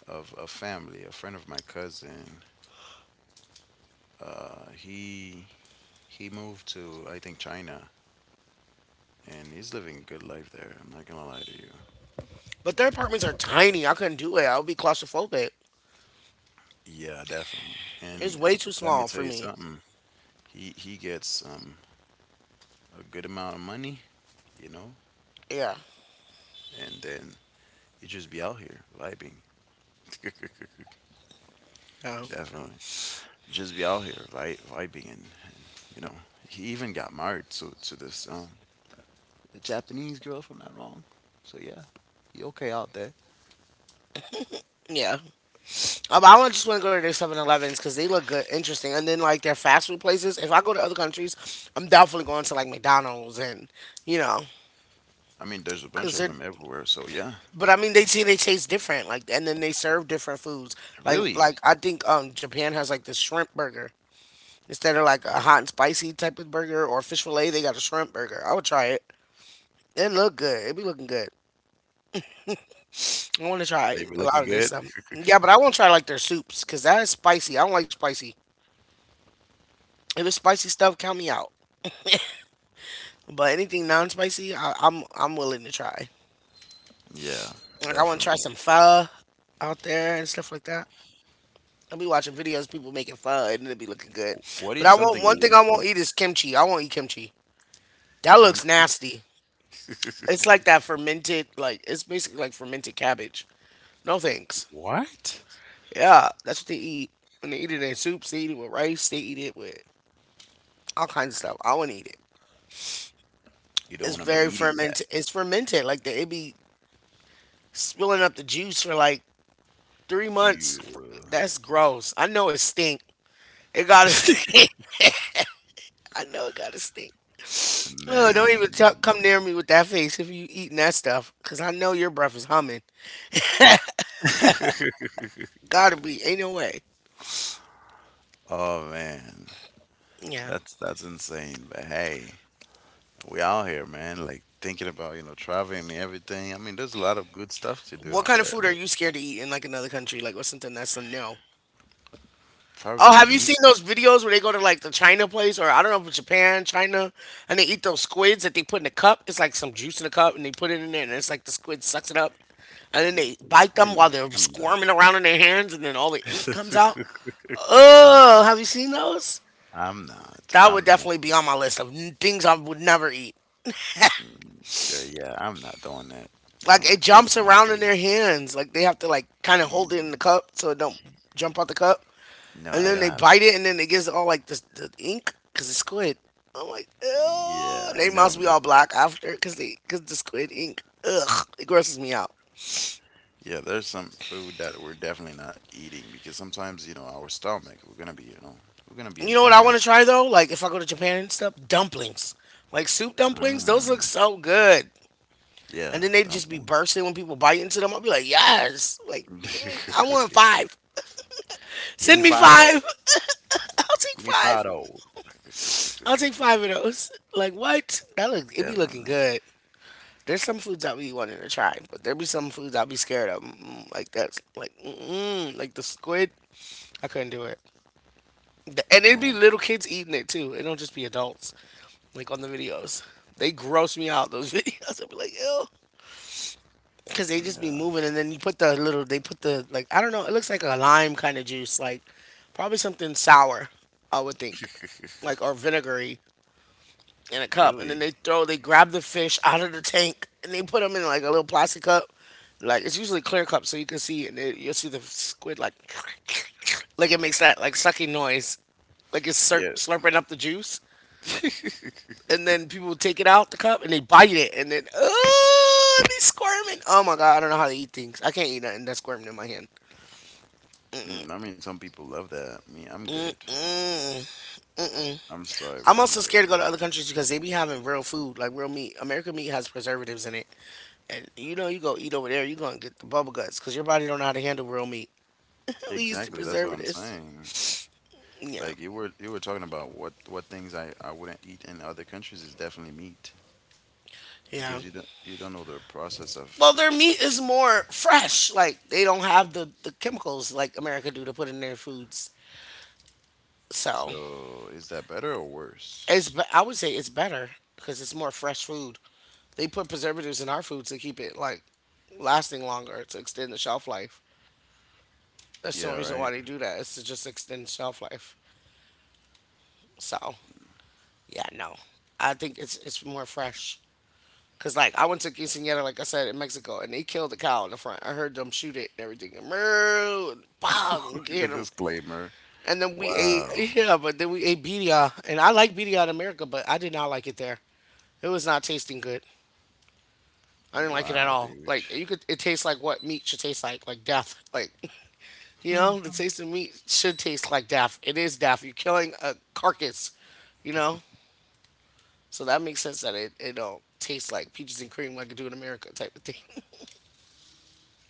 S2: of a family, a friend of my cousin. Uh, he he moved to, I think, China, and he's living a good life there. I'm not gonna lie to you.
S1: But their apartments are tiny. I couldn't do it. I would be claustrophobic.
S2: Yeah, definitely.
S1: It's
S2: And
S1: way too
S2: let me
S1: small
S2: tell
S1: for
S2: you
S1: me.
S2: something. He he gets um a good amount of money, you know,
S1: Yeah.
S2: and then he just be out here vibing.
S1: Yeah.
S2: Definitely. Just be out here vi- vibing and, and you know, he even got married to to this um Japanese girl, if I'm not wrong. So yeah, he okay out there.
S1: Yeah. Um, I wanna- just want to go to their Seven Elevens because they look good, interesting. And then, like, their fast food places. If I go to other countries, I'm definitely going to, like, McDonald's and, you know,
S2: I mean, there's a bunch
S1: because
S2: of
S1: they're.
S2: them everywhere. So yeah,
S1: But I mean, they see they taste different, like, and then they serve different foods. Like,
S2: really.
S1: like I think um Japan has like this shrimp burger instead of like a hot and spicy type of burger or fish fillet. They got a shrimp burger. I would try it. It look good. It be looking good. I want to
S2: They
S1: try
S2: were
S1: a
S2: looking
S1: lot of
S2: good?
S1: this stuff. Yeah, but I want to try like their soups because that is spicy. I don't like spicy. If it's spicy stuff, count me out. But anything non-spicy, I, I'm I'm willing to try.
S2: Yeah,
S1: Like I want to try
S2: definitely.
S1: some pho out there and stuff like that. I'll be watching videos of people making pho, and it'll be looking good.
S2: What
S1: But
S2: is
S1: I won't.
S2: something
S1: One
S2: you
S1: thing
S2: wouldn't
S1: I won't
S2: eat?
S1: eat is kimchi. I won't eat kimchi. That looks
S2: Kimchi?
S1: nasty. It's like that fermented. Like, it's basically like fermented cabbage. No thanks.
S2: What?
S1: Yeah, that's what they eat. And they eat it in soups. They eat it with rice. They eat it with all kinds of stuff. I wouldn't eat it.
S2: You don't
S1: It's
S2: wanna be
S1: very
S2: eating that.
S1: fermented. It's fermented. Like the, it be spilling up the juice for like three months.
S2: You.
S1: That's gross. I know it stink. It gotta stink. I know it gotta stink. Oh, don't even talk, come
S2: Man.
S1: near me with that face if you eating that stuff, cause I know your breath is humming. Gotta be. Ain't no way.
S2: Oh, man.
S1: Yeah.
S2: That's that's insane, but hey, we out here, man, like, thinking about, you know, traveling and everything. I mean, there's a lot of good stuff to do
S1: What
S2: out
S1: kind of
S2: there,
S1: food are
S2: like,
S1: you scared to eat in like another country? Like, what's something that's a no? Oh,
S2: probably
S1: have you
S2: me.
S1: seen those videos where they go to like the China place, or I don't know if it's Japan, China, and they eat those squids that they put in a cup? It's like some juice in a cup, and they put it in there, and it's like the squid sucks it up. And then they bite
S2: We're
S1: them while
S2: not.
S1: they're
S2: I'm not.
S1: squirming around in their hands, and then all the ink comes out.
S2: I'm
S1: Oh, have you seen those?
S2: I'm not.
S1: That would
S2: I'm not.
S1: definitely be on my list of n- things I would never eat.
S2: Mm, uh, yeah, I'm not doing that.
S1: Like,
S2: No,
S1: it
S2: there's
S1: jumps
S2: no
S1: around in
S2: way.
S1: their hands. Like, they have to like kind of hold
S2: Ye-.
S1: it in the cup so it don't jump out the cup.
S2: No,
S1: And
S2: I
S1: then
S2: don't
S1: they
S2: have
S1: bite it,
S2: this.
S1: and then it gets all like the, the ink because it's squid. I'm like, ugh.
S2: Yeah,
S1: They must
S2: no,
S1: be
S2: this,
S1: all black after because they because the squid ink. Ugh, it grosses me out.
S2: yeah, there's some food that we're definitely not eating because sometimes, you know, our stomach, we're gonna be, you know, we're gonna be in
S1: You know what I
S2: pain. Af-.
S1: want to try though? Like, if I go to Japan and stuff, dumplings, like soup dumplings, those look
S2: Mm,
S1: so good.
S2: yeah,
S1: And then they just be
S2: dumplings.
S1: bursting when people bite into them. I'll be like, yes, like give me, I want five.
S2: Give
S1: Send
S2: me
S1: me
S2: five of those.
S1: five. I'll
S2: Give
S1: take
S2: me five of
S1: five.
S2: those.
S1: I'll take five of those. Like what? That look, it be looking
S2: Definitely,
S1: good. There's some foods I'll be wanting to try, but there be some foods I'll be scared of. Mm, Like that's like mm, like the squid. I couldn't do it. The- And it'd be
S2: man.
S1: little kids eating it too. It don't just be adults like on the videos. They gross me out those videos. I'd be like, ew. Cause they just be
S2: Yeah.
S1: moving, and then you put the little, they put the like, I don't know, it looks like a lime kind of juice, like probably something sour, I would think, like or vinegary in a cup, and then
S2: Really?
S1: they throw they grab the fish out of the tank and they put them in like a little plastic cup. Like, it's usually clear cup, so you can see, and they, you'll see the squid like like it makes that like sucking noise, like it's slur-
S2: Yeah.
S1: slurping up the juice, and then people take it out the cup and they bite it, and then oh, and they squirming. Oh my god, I don't know how to eat things. I can't eat nothing that's squirming in my hand.
S2: Mm, I mean, some people love that. Me, I'm good.
S1: Mm-mm, mm-mm.
S2: I'm sorry, but
S1: I'm
S2: I'm
S1: also scared to go to
S2: good.
S1: other countries because they be having real food, like real meat. American meat has preservatives in it, and you know you go eat over there, you're gonna get the bubble guts because your body don't know how to handle real meat. We used to
S2: Exactly, that's what I'm
S1: preservatives.
S2: saying.
S1: Yeah,
S2: Like you were you were talking about what what things I I wouldn't eat in other countries is definitely meat
S1: yeah.
S2: because you don't you don't know the process of.
S1: Well, their meat is more fresh. Like, they don't have the the chemicals like America do to put in their foods. So
S2: So is that better or
S1: it's
S2: worse?
S1: be- I would say it's better because it's more fresh food. They put preservatives in our foods to keep it like lasting longer to extend the shelf life. That's the only
S2: Yeah,
S1: reason why
S2: right.
S1: they do that is to just extend shelf life. So yeah, no, I think it's it's more fresh. Cause like I went to quinceañera, like I said, in Mexico, and they killed the cow in the front. I heard them shoot it and everything, and moo, and bang, and get 'em.
S2: Disclaimer.
S1: And then we
S2: Wow.
S1: ate, yeah, but then we ate birria, and I like birria in America, but I did not like it there. It was not tasting good. I didn't like it at
S2: Wow,
S1: all.
S2: dude.
S1: Like, you could, it tastes like what meat should taste like, like death. Like you know, the taste of meat should taste like death. It is death. You're killing a carcass, you know. So that makes sense that it it don't taste like peaches and cream like it do in America type of thing.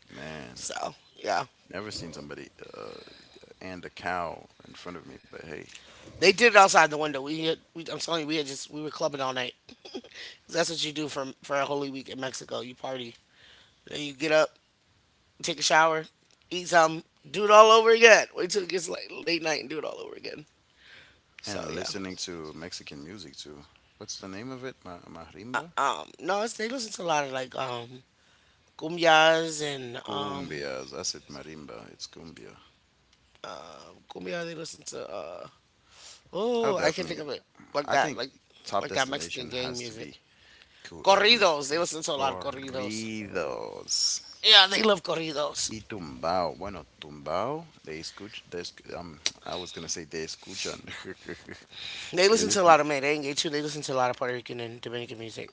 S2: Man,
S1: So yeah.
S2: never seen somebody uh and a cow in front of me, but hey.
S1: They did it outside the window. We, had, we I'm telling you, we had just we were clubbing all night. 'Cause That's what you do for for a holy week in Mexico. You party, then you get up, take a shower, eat something, do it all over again. Wait till it gets like late night and do it all over again. So
S2: And
S1: yeah,
S2: listening to Mexican music too. What's the name of it? Ma
S1: uh,
S2: Marimba?
S1: um, no, it's, they listen to a lot of like um cumbias and um
S2: Cumbias. That's it, marimba. It's cumbia.
S1: cumbia. They listen to uh
S2: I
S1: oh,
S2: would
S1: I can't
S2: definitely.
S1: think of it, like
S2: I
S1: that,
S2: think
S1: like
S2: top
S1: like that Mexican
S2: destination
S1: gang
S2: has to
S1: music.
S2: be Cu- uh,
S1: Corridos.
S2: Mexico.
S1: They listen to a lot of corridos.
S2: Corridos
S1: Yeah, they love corridos.
S2: y tumbao. Bueno, tumbao, they escuch, they esc- um, I was gonna say they escuchan.
S1: They
S2: They
S1: listen to a
S2: listen.
S1: lot of merengue too. They listen to a lot of Puerto Rican and Dominican music.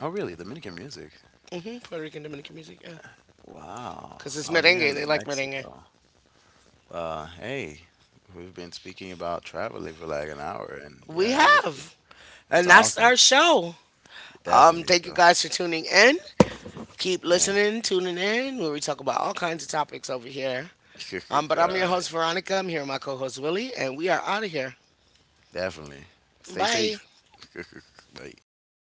S2: Oh, really? Dominican music?
S1: hmm Puerto Rican Dominican music, yeah.
S2: Wow.
S1: Cause it's
S2: Oh, you're
S1: merengue.
S2: in
S1: They like merengue.
S2: Mexico. Uh, hey, we've been speaking about traveling for like an hour, and
S1: We
S2: yeah, it was.
S1: have,
S2: It's
S1: and that's
S2: awesome.
S1: our show. Um,
S2: Definitely
S1: thank you
S2: so.
S1: guys for tuning in. Keep
S2: And
S1: listening, tuning in, where we talk about all kinds of topics over here. Um, but
S2: all
S1: I'm your
S2: right.
S1: host Veronica. I'm here with my co-host Willie, and we are out of here.
S2: Definitely. Stay
S1: Bye.
S2: safe. like